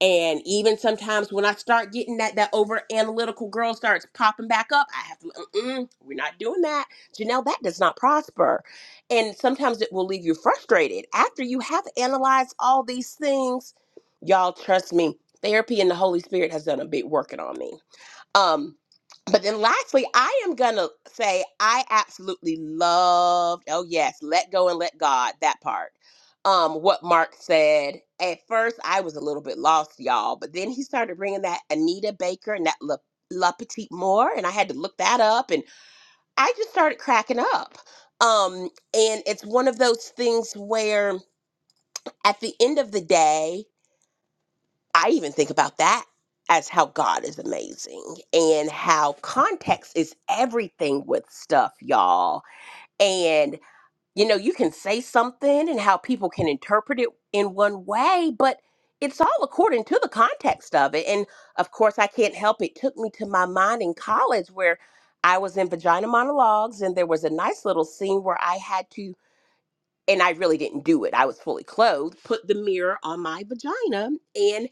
And even sometimes when I start getting that that over analytical girl starts popping back up, I have to, Mm-mm, we're not doing that. Janelle, that does not prosper. And sometimes it will leave you frustrated after you have analyzed all these things. Y'all, trust me, therapy and the Holy Spirit has done a big working on me um, but then lastly, I am gonna say I absolutely loved, oh yes, let go and let God, that part. Um, what Mark said. At first, I was a little bit lost, y'all, but then he started bringing that Anita Baker and that La, La Petite Moore, and I had to look that up, and I just started cracking up. Um, and it's one of those things where at the end of the day, I even think about that as how God is amazing and how context is everything with stuff, y'all. And, you know, you can say something and how people can interpret it in one way, but it's all according to the context of it. And of course, I can't help it. Took me to my mind in college where I was in vagina monologues and there was a nice little scene where I had to and I really didn't do it. I was fully clothed, put the mirror on my vagina, and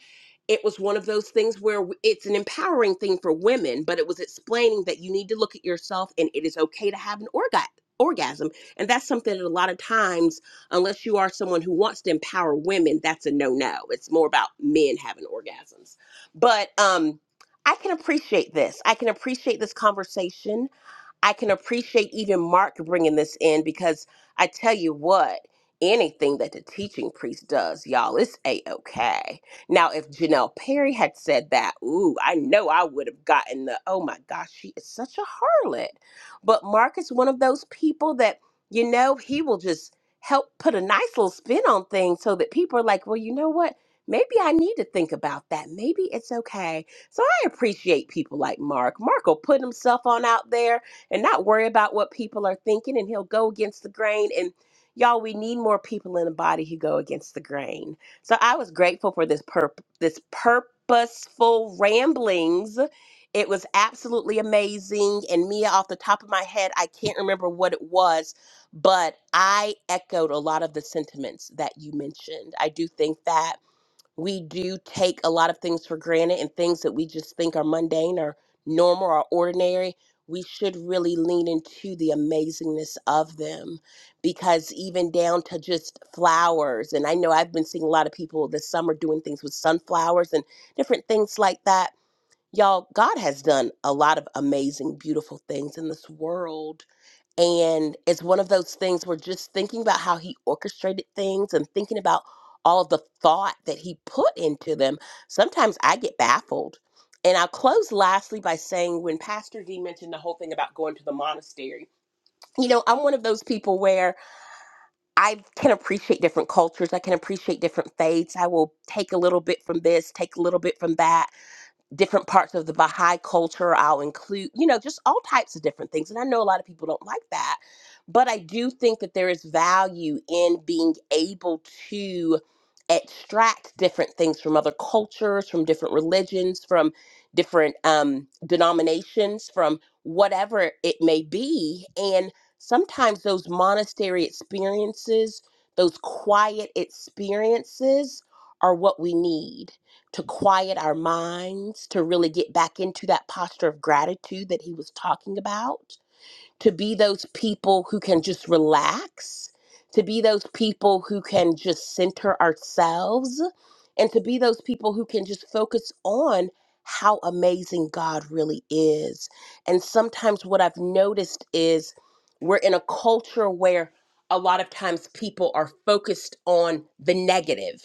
it was one of those things where w- it's an empowering thing for women, but it was explaining that you need to look at yourself and it is okay to have an orga- orgasm. And that's something that a lot of times, unless you are someone who wants to empower women, that's a no no. It's more about men having orgasms. But um, I can appreciate this. I can appreciate this conversation I can appreciate even Mark bringing this in because I tell you what, anything that the teaching priest does, y'all, it's a okay. Now, if Janelle Perry had said that, ooh, I know I would have gotten the, oh my gosh, she is such a harlot. But Mark is one of those people that, you know, he will just help put a nice little spin on things so that people are like, well, you know what? Maybe I need to think about that. Maybe it's okay. So I appreciate people like Mark. Mark will put himself on out there and not worry about what people are thinking and he'll go against the grain and y'all we need more people in the body who go against the grain so i was grateful for this purp this purposeful ramblings it was absolutely amazing and mia off the top of my head i can't remember what it was but i echoed a lot of the sentiments that you mentioned i do think that we do take a lot of things for granted and things that we just think are mundane or normal or ordinary, we should really lean into the amazingness of them because even down to just flowers. And I know I've been seeing a lot of people this summer doing things with sunflowers and different things like that. Y'all, God has done a lot of amazing, beautiful things in this world and it's one of those things where just thinking about how he orchestrated things and thinking about all of the thought that he put into them, sometimes I get baffled. And I'll close lastly by saying when Pastor D mentioned the whole thing about going to the monastery, you know, I'm one of those people where I can appreciate different cultures, I can appreciate different faiths. I will take a little bit from this, take a little bit from that different parts of the Baha'i culture. I'll include, you know, just all types of different things. And I know a lot of people don't like that, but I do think that there is value in being able to extract different things from other cultures, from different religions, from different um, denominations, from whatever it may be. And sometimes those monastery experiences, those quiet experiences, are what we need to quiet our minds, to really get back into that posture of gratitude that he was talking about, to be those people who can just relax, to be those people who can just center ourselves, and to be those people who can just focus on how amazing God really is. And sometimes what I've noticed is we're in a culture where a lot of times people are focused on the negative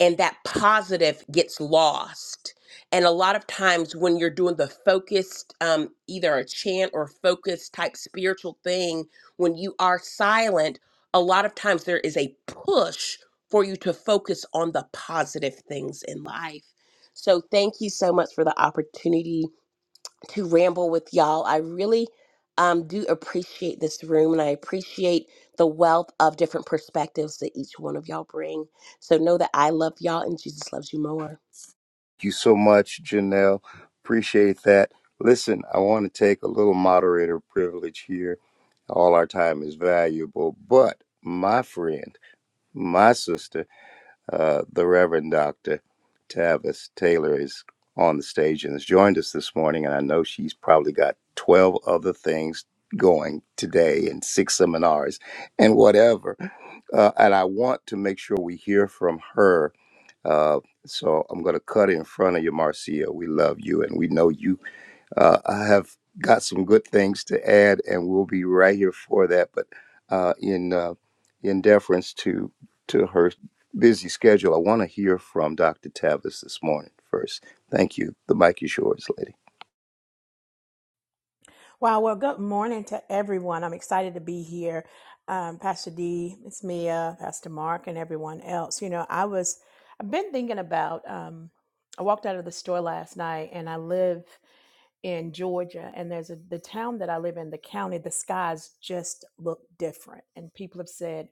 and that positive gets lost. And a lot of times when you're doing the focused, um, either a chant or focused type spiritual thing, when you are silent, a lot of times there is a push for you to focus on the positive things in life. So thank you so much for the opportunity to ramble with y'all. I really um, do appreciate this room and I appreciate the wealth of different perspectives that each one of y'all bring. So know that I love y'all and Jesus loves you more. you so much, Janelle. Appreciate that. Listen, I want to take a little moderator privilege here. All our time is valuable, but my friend, my sister, uh, the Reverend Dr. Tavis Taylor is on the stage and has joined us this morning. And I know she's probably got 12 other things going today and six seminars and whatever. Uh, and I want to make sure we hear from her uh, so I'm going to cut in front of you, Marcia. We love you and we know you. Uh, I have got some good things to add, and we'll be right here for that. But uh, in uh, in deference to to her busy schedule, I want to hear from Dr. Tavis this morning first. Thank you. The mic is yours, lady. Wow. Well, good morning to everyone. I'm excited to be here. Um, Pastor D, Miss Mia, Pastor Mark, and everyone else. You know, I was, I've been thinking about, um, I walked out of the store last night and I live in Georgia and there's a, the town that I live in, the county, the skies just look different. And people have said,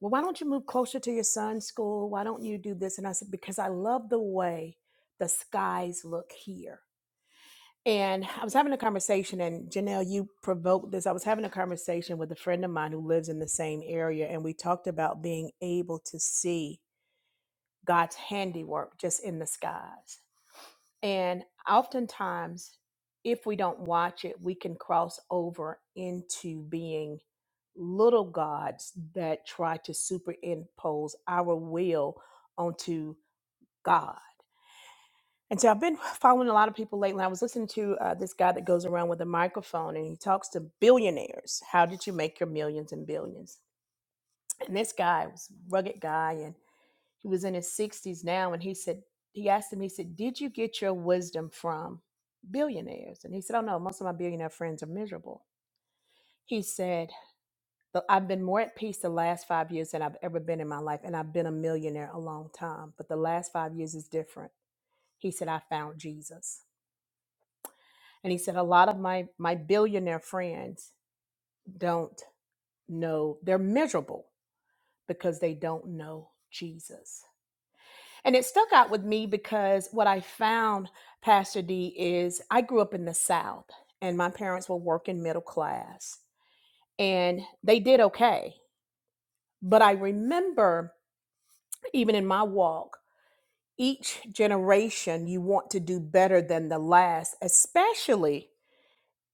well, why don't you move closer to your son's school? Why don't you do this? And I said, because I love the way the skies look here and I was having a conversation, and Janelle, you provoked this. I was having a conversation with a friend of mine who lives in the same area, and we talked about being able to see God's handiwork just in the skies. And oftentimes, if we don't watch it, we can cross over into being little gods that try to superimpose our will onto God. And so I've been following a lot of people lately. I was listening to uh, this guy that goes around with a microphone and he talks to billionaires. How did you make your millions and billions? And this guy was a rugged guy and he was in his 60s now. And he said, he asked him, he said, Did you get your wisdom from billionaires? And he said, Oh no, most of my billionaire friends are miserable. He said, "But I've been more at peace the last five years than I've ever been in my life. And I've been a millionaire a long time, but the last five years is different. He said, I found Jesus. and he said a lot of my my billionaire friends don't know they're miserable because they don't know jesus and it stuck out with me because what i found pastor d is i grew up in the south and my parents were working middle class and they did okay but i remember even in my walk each generation you want to do better than the last especially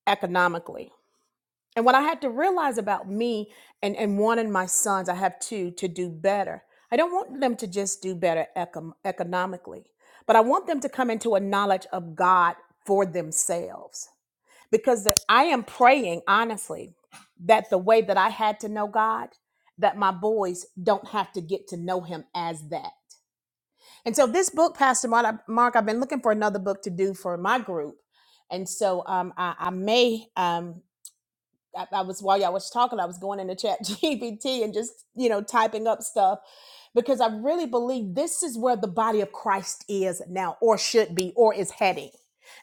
economically And what I had to realize about me and, and wanting my sons, I have two, to do better. I don't want them to just do better econ- economically, but I want them to come into a knowledge of God for themselves. Because the- I am praying, honestly, that the way that I had to know God, that my boys don't have to get to know Him as that. And so, this book, Pastor Mark, I- Mark, I've been looking for another book to do for my group. And so, um, I, I may. Um, I, I was while y'all was talking, I was going into Chat GPT and just you know typing up stuff because I really believe this is where the body of Christ is now, or should be, or is heading.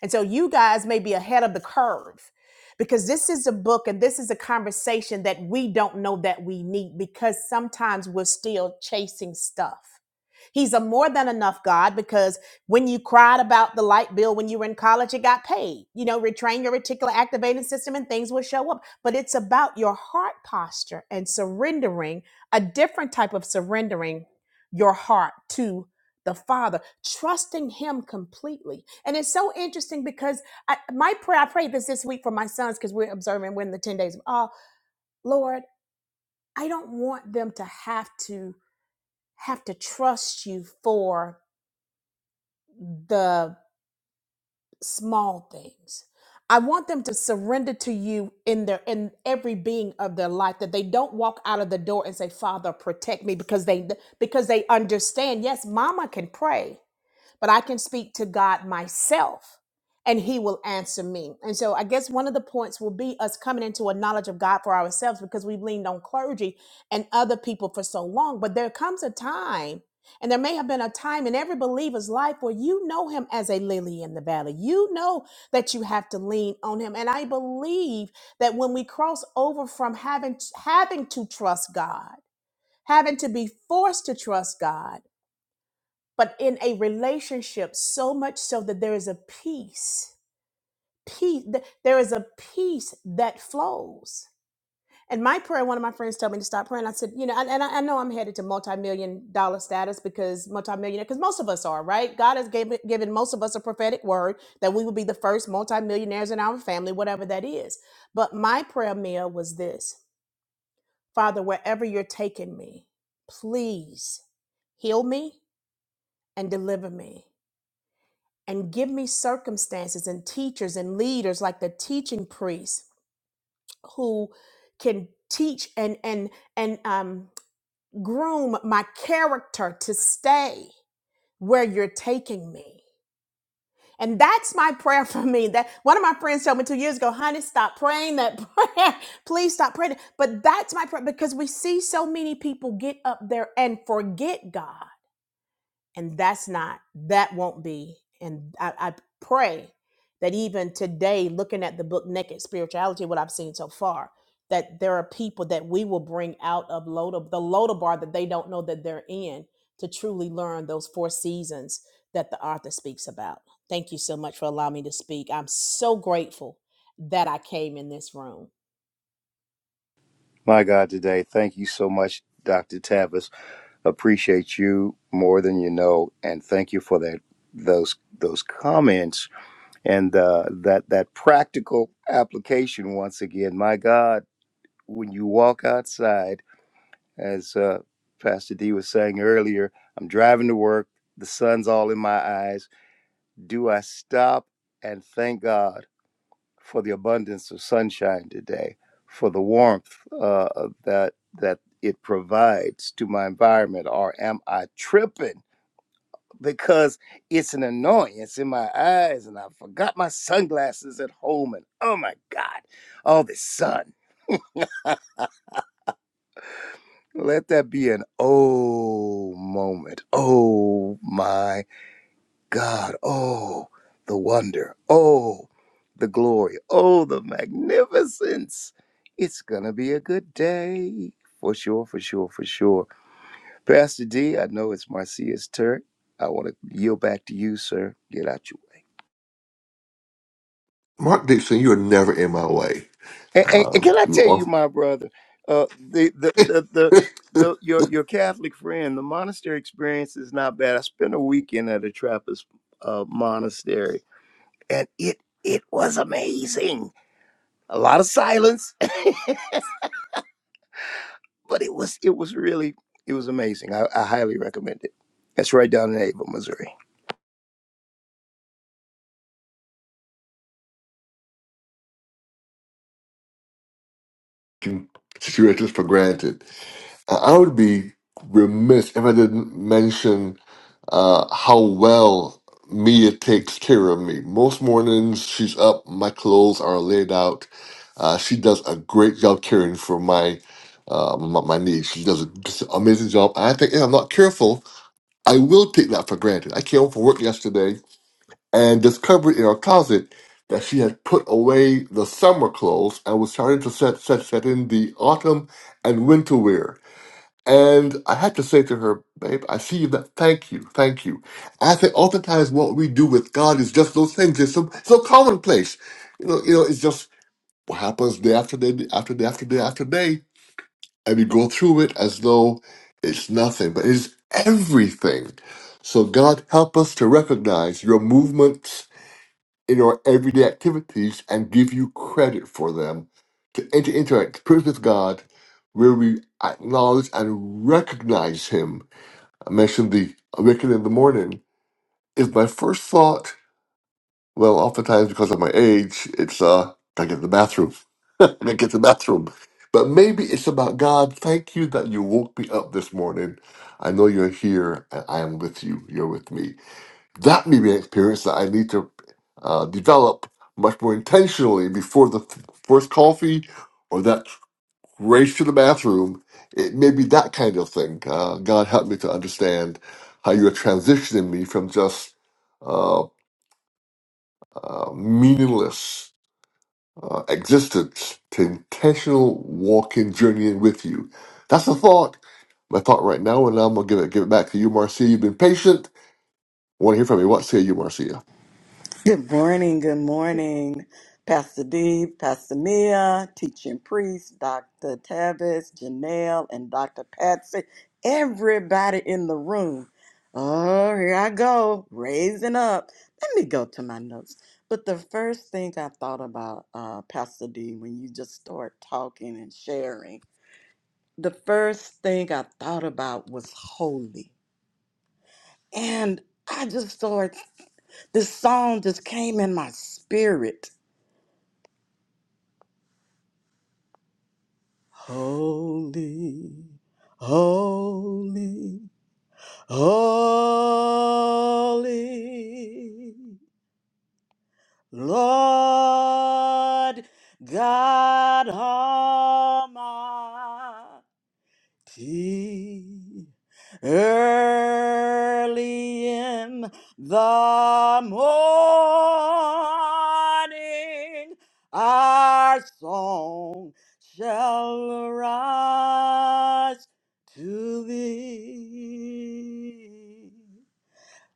And so you guys may be ahead of the curve because this is a book and this is a conversation that we don't know that we need because sometimes we're still chasing stuff. He's a more than enough God because when you cried about the light bill when you were in college, it got paid. You know, retrain your reticular activating system and things will show up. But it's about your heart posture and surrendering a different type of surrendering your heart to the Father, trusting Him completely. And it's so interesting because I, my prayer, I prayed this this week for my sons because we're observing, we're in the 10 days. Oh, Lord, I don't want them to have to have to trust you for the small things. I want them to surrender to you in their in every being of their life that they don't walk out of the door and say, "Father, protect me," because they because they understand, yes, mama can pray but I can speak to God myself and he will answer me. And so I guess one of the points will be us coming into a knowledge of God for ourselves because we've leaned on clergy and other people for so long. But there comes a time, and there may have been a time in every believer's life where you know him as a lily in the valley. You know that you have to lean on him. And I believe that when we cross over from having having to trust God, having to be forced to trust God, but in a relationship so much so that there is a peace peace th- there is a peace that flows and my prayer one of my friends told me to stop praying i said you know and, and I, I know i'm headed to multi-million dollar status because multi-millionaire because most of us are right god has gave, given most of us a prophetic word that we will be the first multi-millionaires in our family whatever that is but my prayer mia was this father wherever you're taking me please heal me and deliver me and give me circumstances and teachers and leaders like the teaching priests who can teach and and and um, groom my character to stay where you're taking me and that's my prayer for me that one of my friends told me two years ago honey stop praying that prayer please stop praying it." but that's my prayer because we see so many people get up there and forget god and that's not that won't be and I, I pray that even today looking at the book naked spirituality what i've seen so far that there are people that we will bring out of Loda, the Loda bar that they don't know that they're in to truly learn those four seasons that the author speaks about. Thank you so much for allowing me to speak. I'm so grateful that I came in this room. My God, today, thank you so much, Dr. Tavis. Appreciate you more than you know, and thank you for that those those comments and uh, that that practical application once again. My God, when you walk outside, as uh, Pastor D was saying earlier, I'm driving to work. The sun's all in my eyes. Do I stop and thank God for the abundance of sunshine today, for the warmth uh, that that it provides to my environment, or am I tripping? because it's an annoyance in my eyes and I forgot my sunglasses at home and oh my God, all this sun. Let that be an oh moment. Oh my God. Oh, the wonder. Oh, the glory. Oh, the magnificence. It's going to be a good day. For sure, for sure, for sure. Pastor D, I know it's Marcia's turn. I want to yield back to you, sir. Get out your way. Mark Dixon, you are never in my way. And, and, and Uh, can I you tell you, are my brother, uh, the, the the the the your your Catholic friend, the monastery experience is not bad. I spent a weekend at a Trappist uh, monastery, and it it was amazing. A lot of silence, but it was it was really it was amazing. I, I highly recommend it. That's right down in Ava, Missouri. taking situations for granted. I I would be remiss if I didn't mention uh, how well Mia takes care of me. Most mornings she's up, my clothes are laid out. Uh, she does a great job caring for my uh, my, my needs. She does an amazing job. I think if I'm not careful, I will take that for granted. I came home from work yesterday and discovered in our closet that she had put away the summer clothes and was starting to set set set in the autumn and winter wear. And I had to say to her, babe, I see you. That, thank you, thank you. I think oftentimes what we do with God is just those things. It's so, so commonplace. You know, you know, it's just what happens day after day, after day, after day, after day, and we go through it as though it's nothing, but it's everything. So God help us to recognize your movements in our everyday activities and give you credit for them. To enter into an experience with God where we acknowledge and recognize Him I mentioned the awakening in the morning. Is my first thought, well, oftentimes because of my age, it's, uh, gotta get to the bathroom. I gotta get to the bathroom. But maybe it's about God, thank you that you woke me up this morning. I know you're here and I am with you. You're with me. That may be an experience that I need to uh, develop much more intentionally before the f- first coffee or that race to the bathroom. It may be that kind of thing. Uh, God help me to understand how you are transitioning me from just uh, uh, meaningless uh, existence to intentional walking, journeying with you. That's the thought. My thought right now, and I'm gonna give it give it back to you, Marcia. You've been patient. I want to hear from you. What say you, Marcia? Good morning, good morning, Pastor D, Pastor Mia, teaching priest, Dr. Tavis, Janelle, and Dr. Patsy, everybody in the room. Oh, here I go, raising up. Let me go to my notes. But the first thing I thought about, uh, Pastor D, when you just start talking and sharing, the first thing I thought about was holy. And I just thought this song just came in my spirit Holy, holy, holy, Lord God Almighty. Early in the morning, our song shall rise to thee.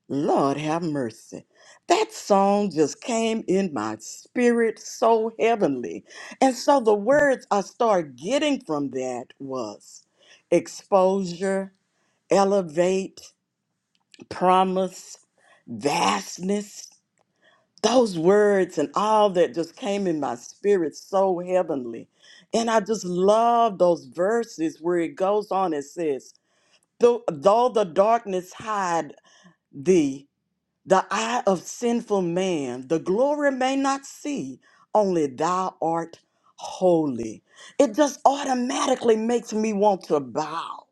Lord have mercy. That song just came in my spirit so heavenly. And so the words I started getting from that was exposure, elevate, promise, vastness. Those words and all that just came in my spirit so heavenly. And I just love those verses where it goes on and says, Though, though the darkness hide thee, the eye of sinful man, the glory may not see, only thou art holy. It just automatically makes me want to bow.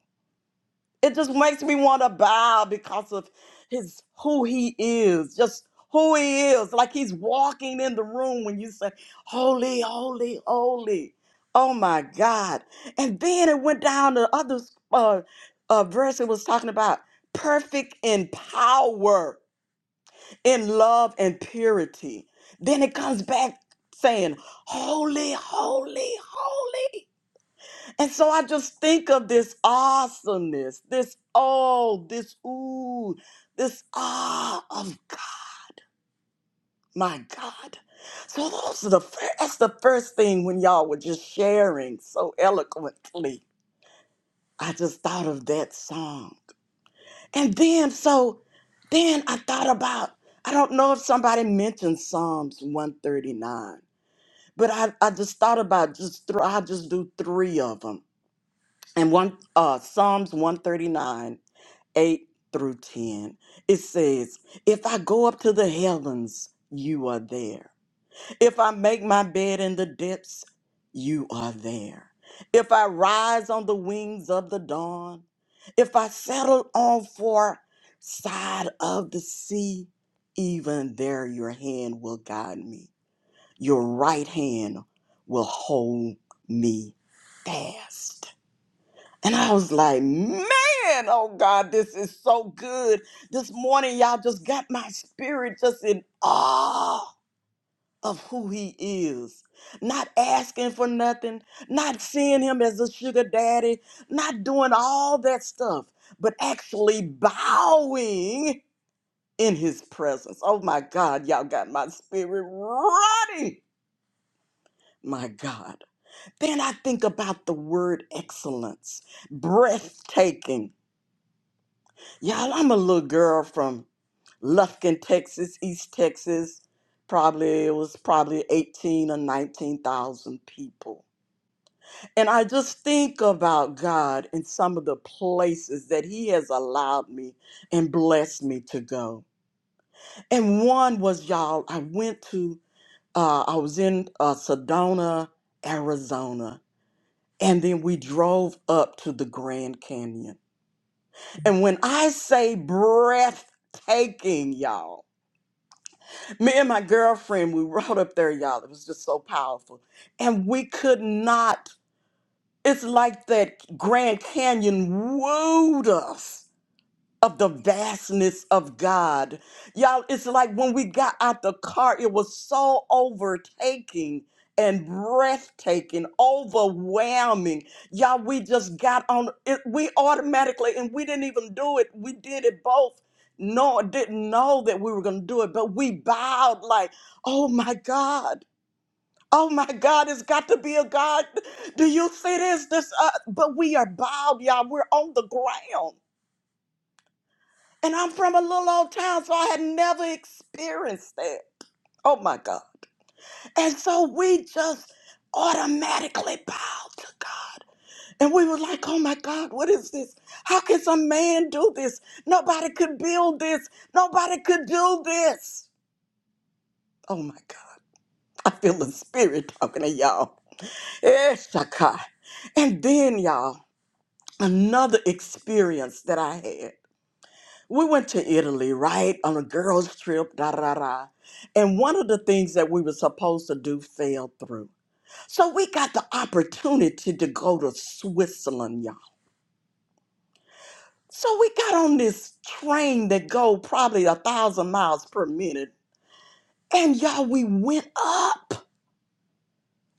It just makes me want to bow because of his who he is, just who he is. Like he's walking in the room when you say, Holy, holy, holy. Oh my God. And then it went down to other uh, uh, verse it was talking about perfect in power in love and purity. Then it comes back saying, Holy, holy, holy. And so I just think of this awesomeness, this oh, this ooh, this ah of God, my God. So those are the first, that's the first thing when y'all were just sharing so eloquently. I just thought of that song. And then so then I thought about, I don't know if somebody mentioned Psalms 139. But I, I just thought about just th- I just do three of them. And one uh Psalms 139, 8 through 10. It says, If I go up to the heavens, you are there. If I make my bed in the depths, you are there. If I rise on the wings of the dawn, if I settle on for side of the sea, even there your hand will guide me. Your right hand will hold me fast. And I was like, man, oh God, this is so good. This morning, y'all just got my spirit just in awe of who he is. Not asking for nothing, not seeing him as a sugar daddy, not doing all that stuff, but actually bowing in his presence. Oh my God, y'all got my spirit running. My God. Then I think about the word excellence, breathtaking. Y'all, I'm a little girl from Lufkin, Texas, East Texas. Probably it was probably 18 or 19,000 people. And I just think about God and some of the places that He has allowed me and blessed me to go. And one was y'all, I went to, uh, I was in uh, Sedona, Arizona And then we drove up to the Grand Canyon. And when I say breathtaking, y'all, me and my girlfriend, we rode up there, y'all. It was just so powerful. And we could not, it's like that Grand Canyon wooed us. of the vastness of God. Y'all, it's like when we got out the car, it was so overtaking and breathtaking, overwhelming. Y'all, we just got on it. We automatically, and we didn't even do it. We did it both. No, didn't know that we were going to do it, but we bowed like, oh my God. Oh my God, it's got to be a God. Do you see this? This, uh, but we are bowed, y'all. We're on the ground. And I'm from a little old town, so I had never experienced that. Oh my God. And so we just automatically bowed to God. And we were like, oh my God, what is this? How can some man do this? Nobody could build this. Nobody could do this. Oh my God. I feel the spirit talking to y'all. Eh, Shakai. And then, y'all, another experience that I had. we went to Italy, right, on a girls' trip, da da da. da. And one of the things that we were supposed to do fell through. So we got the opportunity to go to Switzerland, y'all. So we got on this train that go probably a thousand miles per minute. And y'all, we went up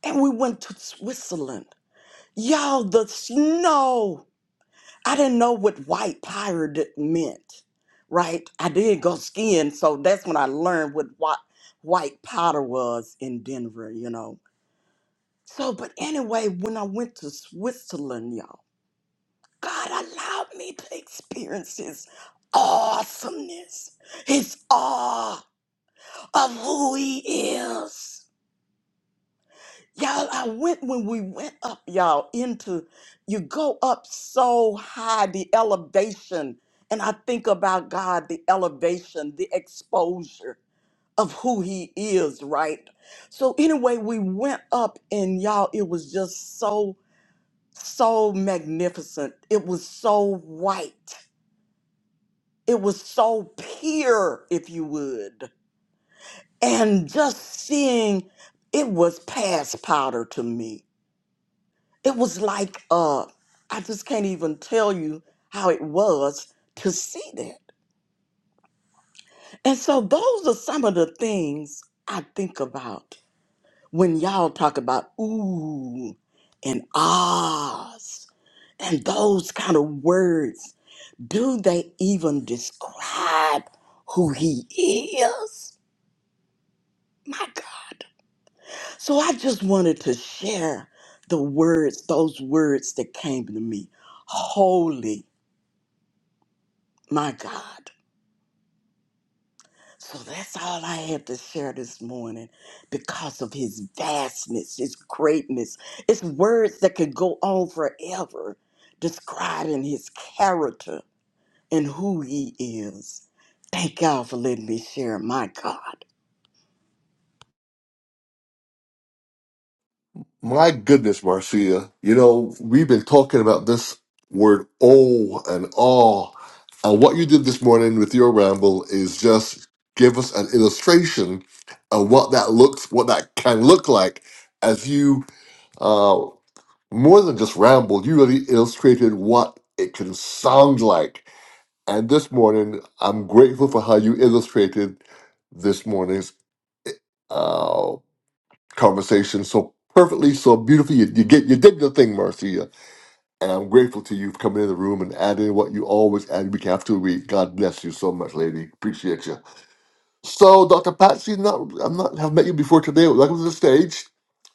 and we went to Switzerland. Y'all, the snow. I didn't know what white pirate meant, right? I did go skiing, so that's when I learned what white, white powder was in Denver, you know. So, but anyway, when I went to Switzerland, y'all, God allowed me to experience His awesomeness, His awe of who He is. Y'all, I went when we went up, y'all, into you go up so high, the elevation. And I think about God, the elevation, the exposure of who He is, right? So, anyway, we went up, and y'all, it was just so, so magnificent. It was so white. It was so pure, if you would. And just seeing it was past powder to me it was like uh I just can't even tell you how it was to see that. And so those are some of the things I think about when y'all talk about ooh and ahs and those kind of words. Do they even describe who he is? My God. So I just wanted to share the words, those words that came to me. Holy, my God. So that's all I have to share this morning because of his vastness, his greatness. It's words that could go on forever describing his character and who he is. Thank y'all for letting me share. My God. My goodness, Marcia, you know, we've been talking about this word oh and all. And what you did this morning with your ramble is just give us an illustration of what that looks, what that can look like as you, uh, more than just ramble, you really illustrated what it can sound like. And this morning, I'm grateful for how you illustrated this morning's uh, conversation so perfectly, so beautifully. You, you get you did the thing, Marcia, and I'm grateful to you for coming in the room and adding what you always add week after week. God bless you so much, lady. Appreciate you. So, Dr. Patsy, not I'm not have met you before today. Welcome to the stage,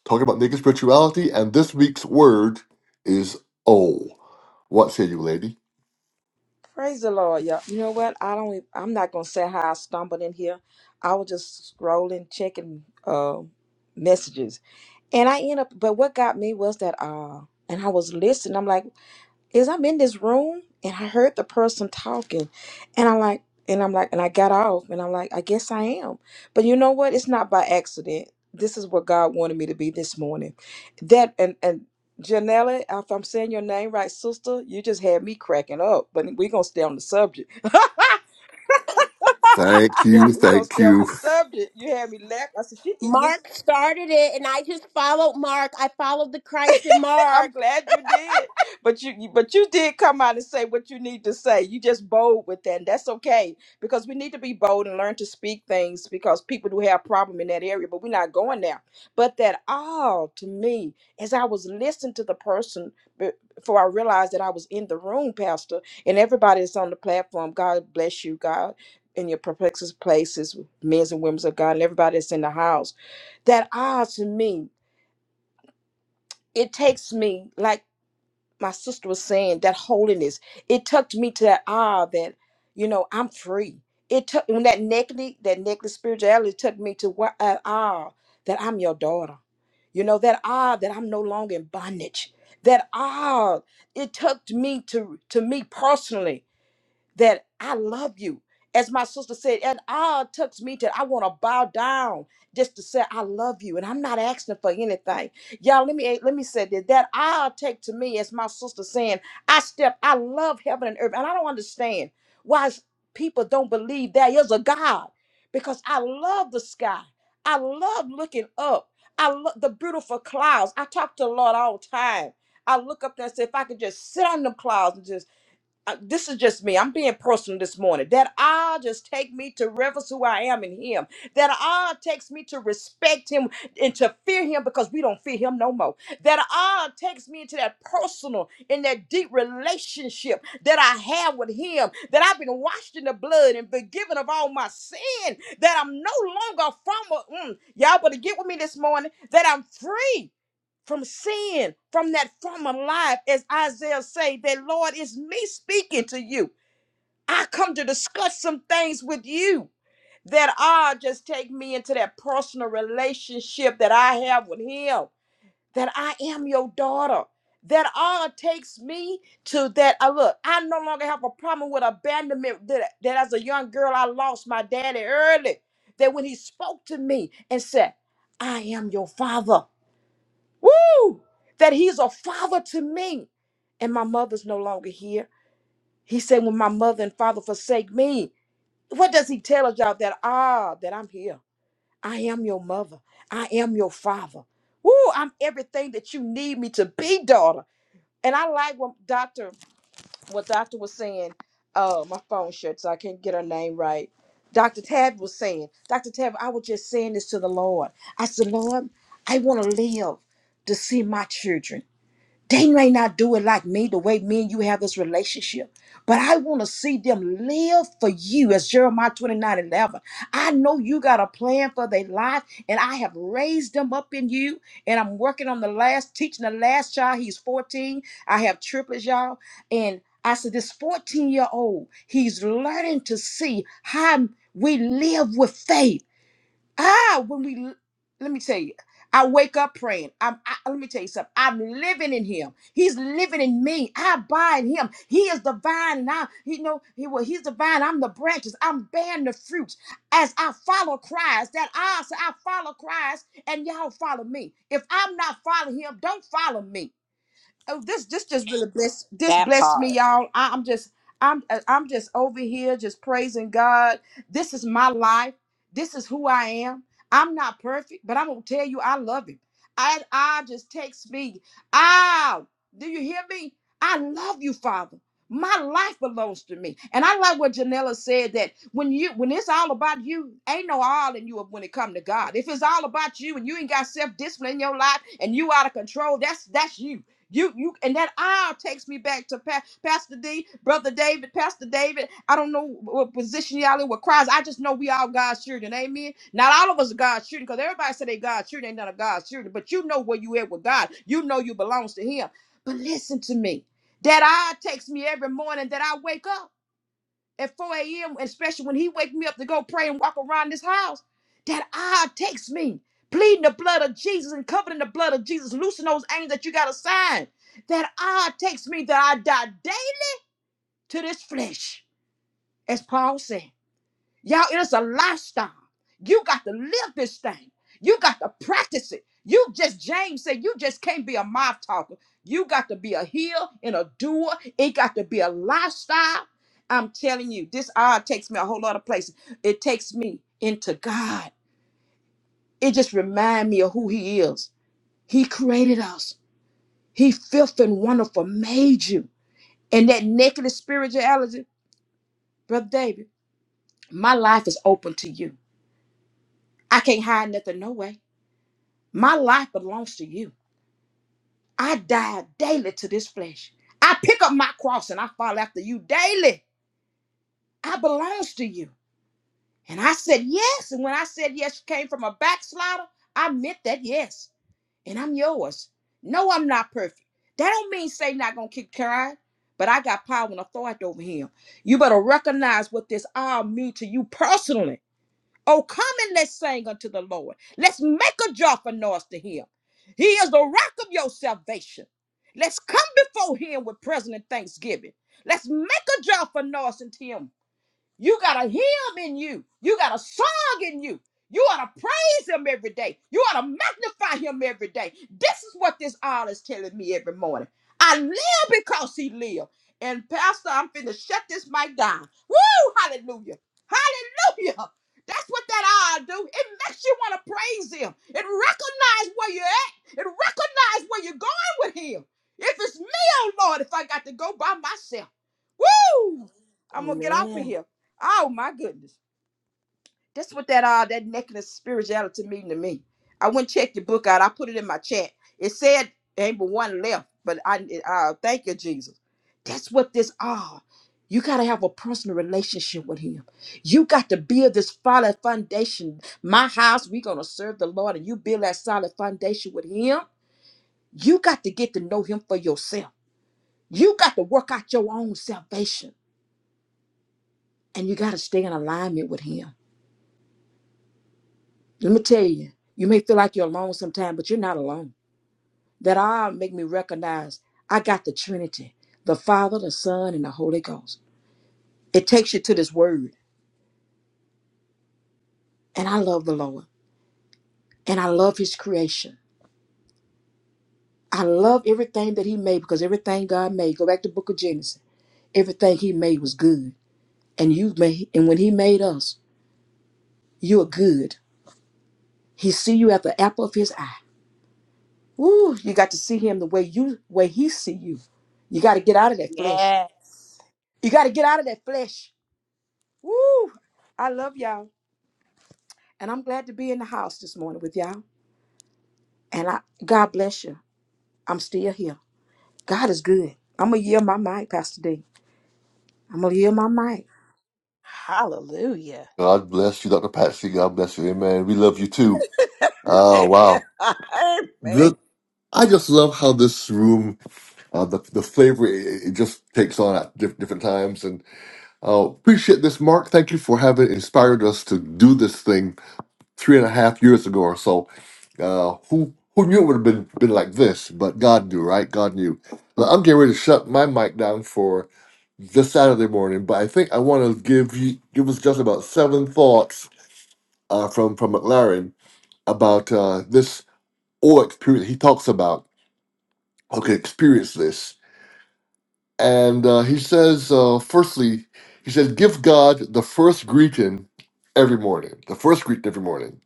talking about naked spirituality, and this week's word is oh. What say you, lady? Praise the Lord, y'all. You know what? I don't. e- I'm not gonna say how I stumbled in here. I was just scrolling, checking uh, messages, and I end up. But what got me was that uh, and I was listening. I'm like is I'm in this room and I heard the person talking and I'm like and I'm like and I got off and I'm like I guess I am. But you know what? It's not by accident. This is what God wanted me to be this morning. That and and Janelle, if I'm saying your name right, sister, you just had me cracking up. But we're gonna stay on the subject. Thank Yeah, you, we're gonna thank stay on the you. subject. You had me laugh. I said, she eating this Mark started it and I just followed Mark. I followed the Christ in I'm Mark. glad you did. But you you- but you did come out and say what you need to say. You just bold with that. And that's okay because we need to be bold and learn to speak things because people do have problem in that area, but we're not going there. But that all to me, as I was listening to the person be- before I realized that I was in the room, Pastor, and everybody that's on the platform, God bless you, God, in your perplexes places, men's and women's of God, and everybody that's in the house. That all to me, it takes me like my sister was saying, that holiness, it took me to that ah that, you know, I'm free. It took when that necklace, that necklace spirituality took me to what uh, ah that I'm your daughter. You know, that ah that I'm no longer in bondage. That ah it took me to to me personally that I love you. As my sister said, and ah, it tucks me to, I want to bow down just to say I love you, and I'm not asking for anything. Y'all, let me eh, let me say that that I'll take to me as my sister saying, I step, I love heaven and earth, and I don't understand why people don't believe there is a God, because I love the sky, I love looking up, I love the beautiful clouds. I talk to the Lord all the time. I look up there and say, if I could just sit on them clouds and just uh, this is just me. I'm being personal this morning. That I just take me to reverence who I am in Him. That I takes me to respect Him and to fear Him because we don't fear Him no more. That I takes me into that personal and that deep relationship that I have with Him. That I've been washed in the blood and forgiven of all my sin. That I'm no longer from. A, mm, y'all better get with me this morning. That I'm free from sin, from that former life, as Isaiah say, that Lord is me speaking to you. I come to discuss some things with you that are just take me into that personal relationship that I have with him, that I am your daughter. That all takes me to that. I look, I no longer have a problem with abandonment. That, that as a young girl, I lost my daddy early. That when he spoke to me and said, I am your father. Woo! That he's a father to me. And my mother's no longer here. He said, When my mother and father forsake me, what does he tell us, y'all? That ah, that I'm here. I am your mother. I am your father. Woo! I'm everything that you need me to be, daughter. And I like what Doctor what Doctor was saying. Uh, my phone shut, so I can't get her name right. Dr. Tab was saying, Dr. Tab, I was just saying this to the Lord. I said, Lord, I want to live to see my children. They may not do it like me, the way me and you have this relationship, but I want to see them live for you as Jeremiah 29 11. I know you got a plan for their life, and I have raised them up in you. And I'm working on the last, teaching the last child. He's 14. I have triplets, y'all. And I said, This 14 year old, he's learning to see how we live with faith. Ah, when we let me tell you, I wake up praying. I'm I, let me tell you something. I'm living in Him. He's living in me. I abide in Him. He is the vine, and I, you know, He well, He's the vine. I'm the branches. I'm bearing the fruits as I follow Christ. That I say I follow Christ, and y'all follow me. If I'm not following Him, don't follow me oh this this just really blessed this That blessed me part. y'all I, i'm just i'm uh, i'm just over here just praising god this is my life this is who i am i'm not perfect but i'm gonna tell you i love him i i just text me ow do you hear me i love you father my life belongs to me and i like what janella said that when you when it's all about you ain't no all in you when it come to god if it's all about you and you ain't got self-discipline in your life and you out of control that's that's you you you and that aisle takes me back to pa- Pastor D, Brother David, Pastor David. I don't know what position y'all in with Christ. I just know we all God's children. Amen. Not all of us are God's children because everybody said they God's children. Ain't none of God's children. But you know where you at with God. You know you belongs to Him. But listen to me. That eye takes me every morning that I wake up at 4 a.m., especially when he wake me up to go pray and walk around this house, that I takes me, pleading the blood of Jesus and covering the blood of Jesus, loosen those angels that you got to sign. That I takes me that I die daily to this flesh, as Paul said. Y'all, it's a lifestyle. You got to live this thing. You got to practice it. You just, James said, you just can't be a mouth talker. You got to be a healer and a doer. It got to be a lifestyle. I'm telling you, this odd takes me a whole lot of places. It takes me into God. It just reminds me of who He is. He created us. He filth and wonderful made you. And that naked spirituality, Brother David, my life is open to you. I can't hide nothing no way. My life belongs to you. I die daily to this flesh. I pick up my cross and I follow after you daily. I belongs to you. And I said yes. And when I said yes you came from a backslider, I meant that yes. And I'm yours. No, I'm not perfect. That don't mean Satan not gonna keep trying, but I got power and authority over him. You better recognize what this all mean to you personally Oh, come and let's sing unto the Lord. Let's make a joyful noise to him. He is the rock of your salvation. Let's come before him with present and thanksgiving. Let's make a joyful noise unto him you got a hymn in you. You got a song in you. You ought to praise him every day. You ought to magnify him every day. This is what this all is telling me every morning. I live because he lived. And Pastor, I'm finna shut this mic down. Woo! Hallelujah. Hallelujah. That's what that all do. It makes you want to praise him. It recognize where you're at. It recognize where you're going with him. If it's me, oh Lord, if I got to go by myself. Woo! I'm gonna get off of Amen. here. Oh my goodness. That's what that uh that necklace spirituality mean to me. I went and checked your book out. I put it in my chat. It said there ain't but one left, but I uh thank you, Jesus. That's what this ah. You gotta have a personal relationship with him. You got to build this solid foundation. My house, we gonna serve the Lord, and you build that solid foundation with him. You got to get to know him for yourself. You got to work out your own salvation. And you got to stay in alignment with Him. Let me tell you, you may feel like you're alone sometimes, but you're not alone. That all make me recognize I got the Trinity, the Father, the Son, and the Holy Ghost. It takes you to this Word. And I love the Lord. And I love His creation. I love everything that He made because everything God made, go back to the book of Genesis, everything He made was good. And you made, and when He made us, you are good. He see you at the apple of His eye. Ooh, you got to see him the way you way he see you. You got to get out of that flesh. Yes. You got to get out of that flesh. Woo! I love y'all. And I'm glad to be in the house this morning with y'all. And I God bless you. I'm still here. God is good. I'm gonna yield my mic, Pastor D. I'm gonna yield my mic. Hallelujah. God bless you, Dr. Patsy. God bless you, amen. We love you too. Oh wow. Amen. I just love how this room, uh, the the flavor it, it just takes on at diff- different times, and uh, appreciate this, Mark. Thank you for having inspired us to do this thing three and a half years ago or so. Uh, who who knew it would have been been like this? But God knew, right? God knew. Now, I'm getting ready to shut my mic down for this Saturday morning, but I think I want to give you give us just about seven thoughts uh, from from McLaren about uh, this O experience. He talks about okay, experience this. And uh, he says, uh, firstly, he says, give God the first greeting every morning. The first greeting every morning.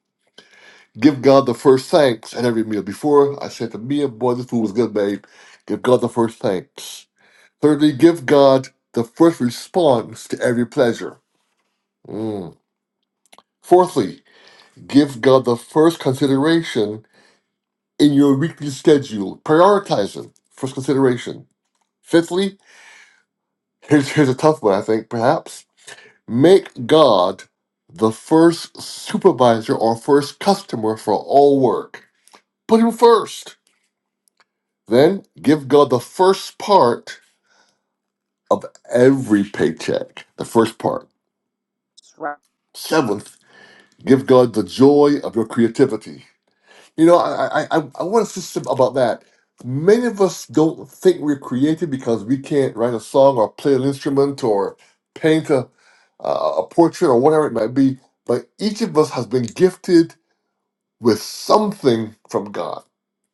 Give God the first thanks at every meal. Before I said the meal, boy, this food was good, babe. Give God the first thanks. Thirdly, give God the first response to every pleasure. Mm. Fourthly, give God the first consideration in your weekly schedule. Prioritize Him. First consideration. Fifthly, here's, here's a tough one, I think, perhaps Make God the first supervisor or first customer for all work. Put him first. Then give God the first part of every paycheck. The first part. Seventh, give God the joy of your creativity. You know, I I, I, I want to say something about that. Many of us don't think we're creative because we can't write a song or play an instrument or paint a, a a portrait or whatever it might be. But each of us has been gifted with something from God.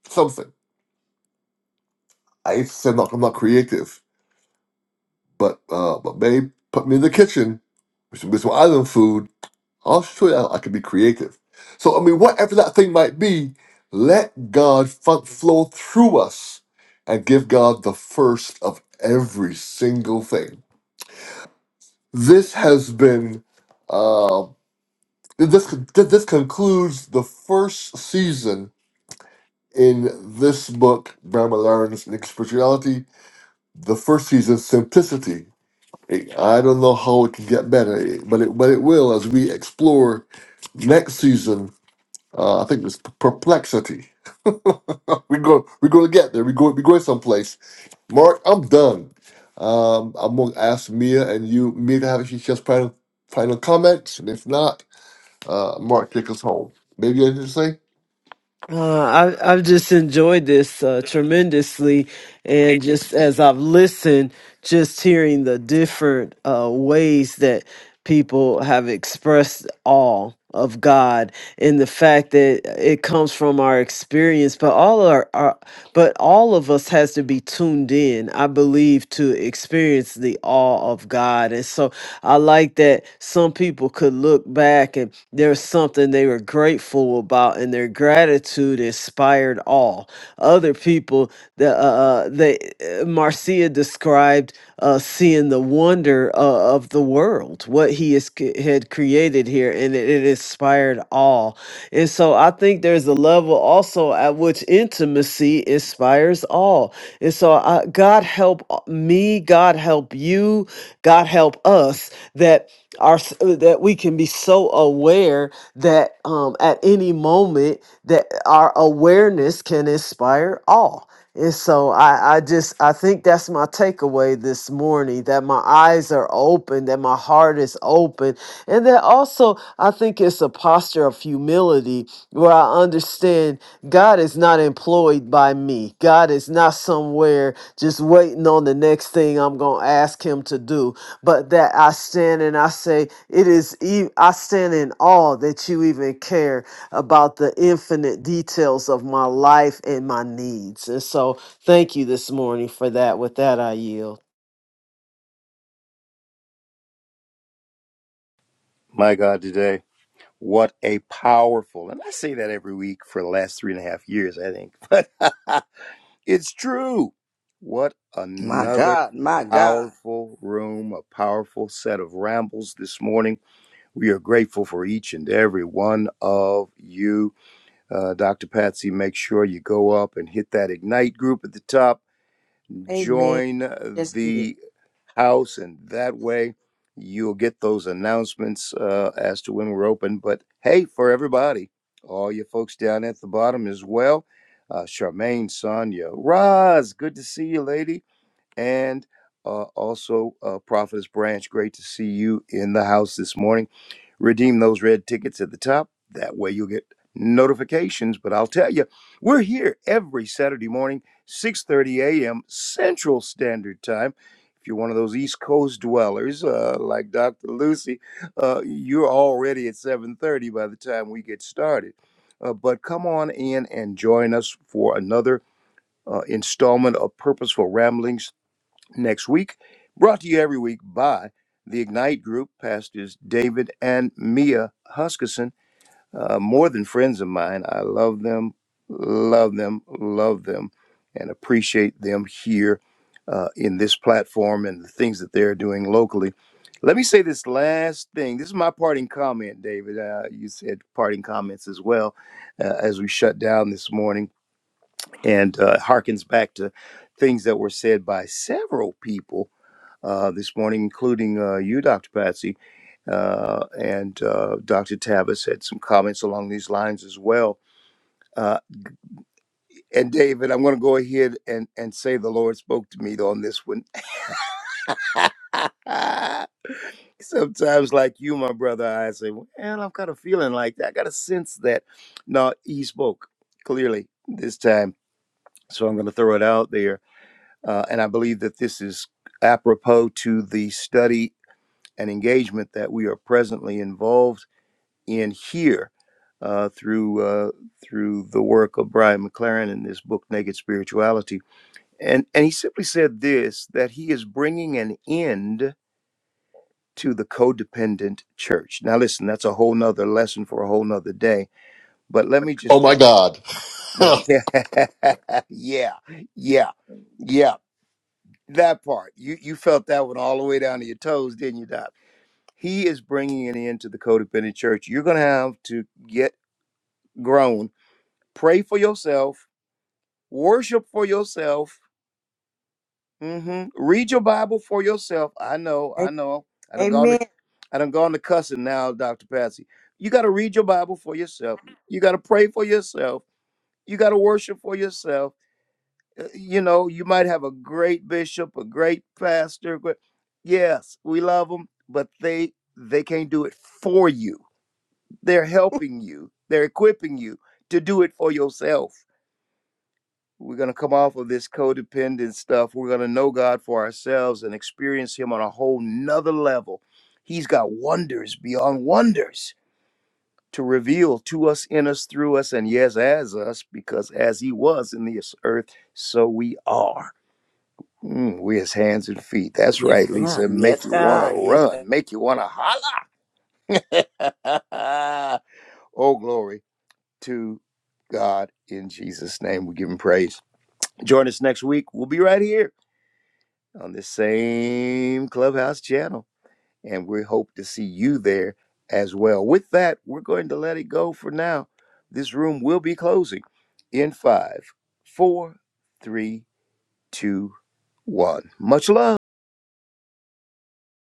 Something. I said not, I'm not creative, but uh, but babe put me in the kitchen with some, with some island food. I'll show you how I can be creative. So I mean, whatever that thing might be, let God fun- flow through us and give God the first of every single thing. This has been. Uh, this this concludes the first season in this book, Grandma Learns and Spirituality the first season simplicity. It- I don't know how it can get better, it- but it but it will as we explore next season. Uh, I think it's p- perplexity. we go we're gonna get there. We go we going someplace. Mark, I'm done. Um, I'm gonna ask Mia and you Mia to have if just final final comments, and if not, uh, Mark take us home. Maybe you have anything Uh, I, I've just enjoyed this uh, tremendously, to say? and just as I've listened, just hearing the different uh, ways that people have expressed awe of God, and the fact that it comes from our experience, but all our, our but all of us has to be tuned in, I believe, to experience the awe of God, and so I like that some people could look back and there's something they were grateful about, and their gratitude inspired awe. Other people, the uh, uh, they uh, Marcia described uh, seeing the wonder uh, of the world, what he is, had created here, and it, it inspired awe. And so I think there's a level also at which intimacy inspires all. And so I, God help uh, me, God help you, God help help us that our that we can be so aware that um, at any moment that our awareness can inspire awe. And so I, I just I think that's my takeaway this morning that my eyes are open, that my heart is open, and that also I think it's a posture of humility where I understand God is not employed by me. God is not somewhere just waiting on the next thing I'm gonna ask him to do but that I stand and I say, it is, e- I stand in awe that you even care about the infinite details of my life and my needs. And so thank you this morning for that. With that, I yield. My God, today what a powerful and I say that every week for the last three and a half years, I think, but It's true. What My another God. My God. powerful room, a powerful set of rambles this morning. We are grateful for each and every one of you. Uh, Dr. Patsy, make sure you go up and hit that Ignite group at the top. Amen. Join That's good. the house, and that way you'll get those announcements uh, as to when we're open. But hey, for everybody, all you folks down at the bottom as well, uh, Charmaine, Sonia, Roz, good to see you, lady, and uh, also uh, Prophetess Branch, great to see you in the house this morning redeem those red tickets at the top. That way you'll get notifications. But I'll tell you, we're here every Saturday morning, 6:30 a.m. Central Standard Time. If you're one of those East Coast dwellers uh, like Dr. Lucy, uh, you're already at 7:30 by the time we get started. Uh, but come on in and join us for another uh, installment of Purposeful Ramblings next week. Brought to you every week by the Ignite Group, pastors David and Mia Huskisson, uh, more than friends of mine. I love them, love them, love them, and appreciate them here uh, in this platform and the things that they're doing locally. Let me say this last thing. This is my parting comment, David. Uh, you said parting comments as well uh, as we shut down this morning and uh, harkens back to things that were said by several people uh, this morning, including uh, you, Dr. Patsy. Uh, and uh, Dr. Tavis had some comments along these lines as well. Uh, and David, I'm going to go ahead and, and say the Lord spoke to me on this one. Sometimes, like you, my brother, I say, well, I've got a feeling like that. I got a sense that. No, he spoke clearly this time. So I'm going to throw it out there. Uh, and I believe that this is apropos to the study and engagement that we are presently involved in here uh, through uh, through the work of Brian McLaren in this book Naked Spirituality, and and he simply said this that he is bringing an end to the codependent church. Now listen, that's a whole nother lesson for a whole nother day. But let me Oh just my God! yeah yeah yeah yeah, that part you you felt that one all the way down to your toes, didn't you, Doc? he is bringing it into the codependent church. You're going to have to get grown, pray for yourself, worship for yourself, hmm read your Bible for yourself. I know, I know. I don't go on the, Amen. I don't go on the cussing now, Doctor Patsy. You got to read your Bible for yourself. You got to pray for yourself. You got to worship for yourself. Uh, You know, you might have a great bishop, a great pastor. But yes, we love them, but they they can't do it for you They're helping you, they're equipping you to do it for yourself. We're going to come off of this codependent stuff. We're going to know God for ourselves and experience Him on a whole nother level. He's got wonders beyond wonders to reveal to us, in us, through us, and yes, as us, because as He was in this earth, so we are. Mm, we his hands and feet. That's Yes, right, God. Lisa. Make Yes, you want to God. Yes, God. run, make you want to holler. oh, glory. to God in Jesus' name. We give him praise. Join us next week. We'll be right here on this same Clubhouse channel, and we hope to see you there as well. With that, we're going to let it go for now. This room will be closing in five, four, three, two, one. Much love.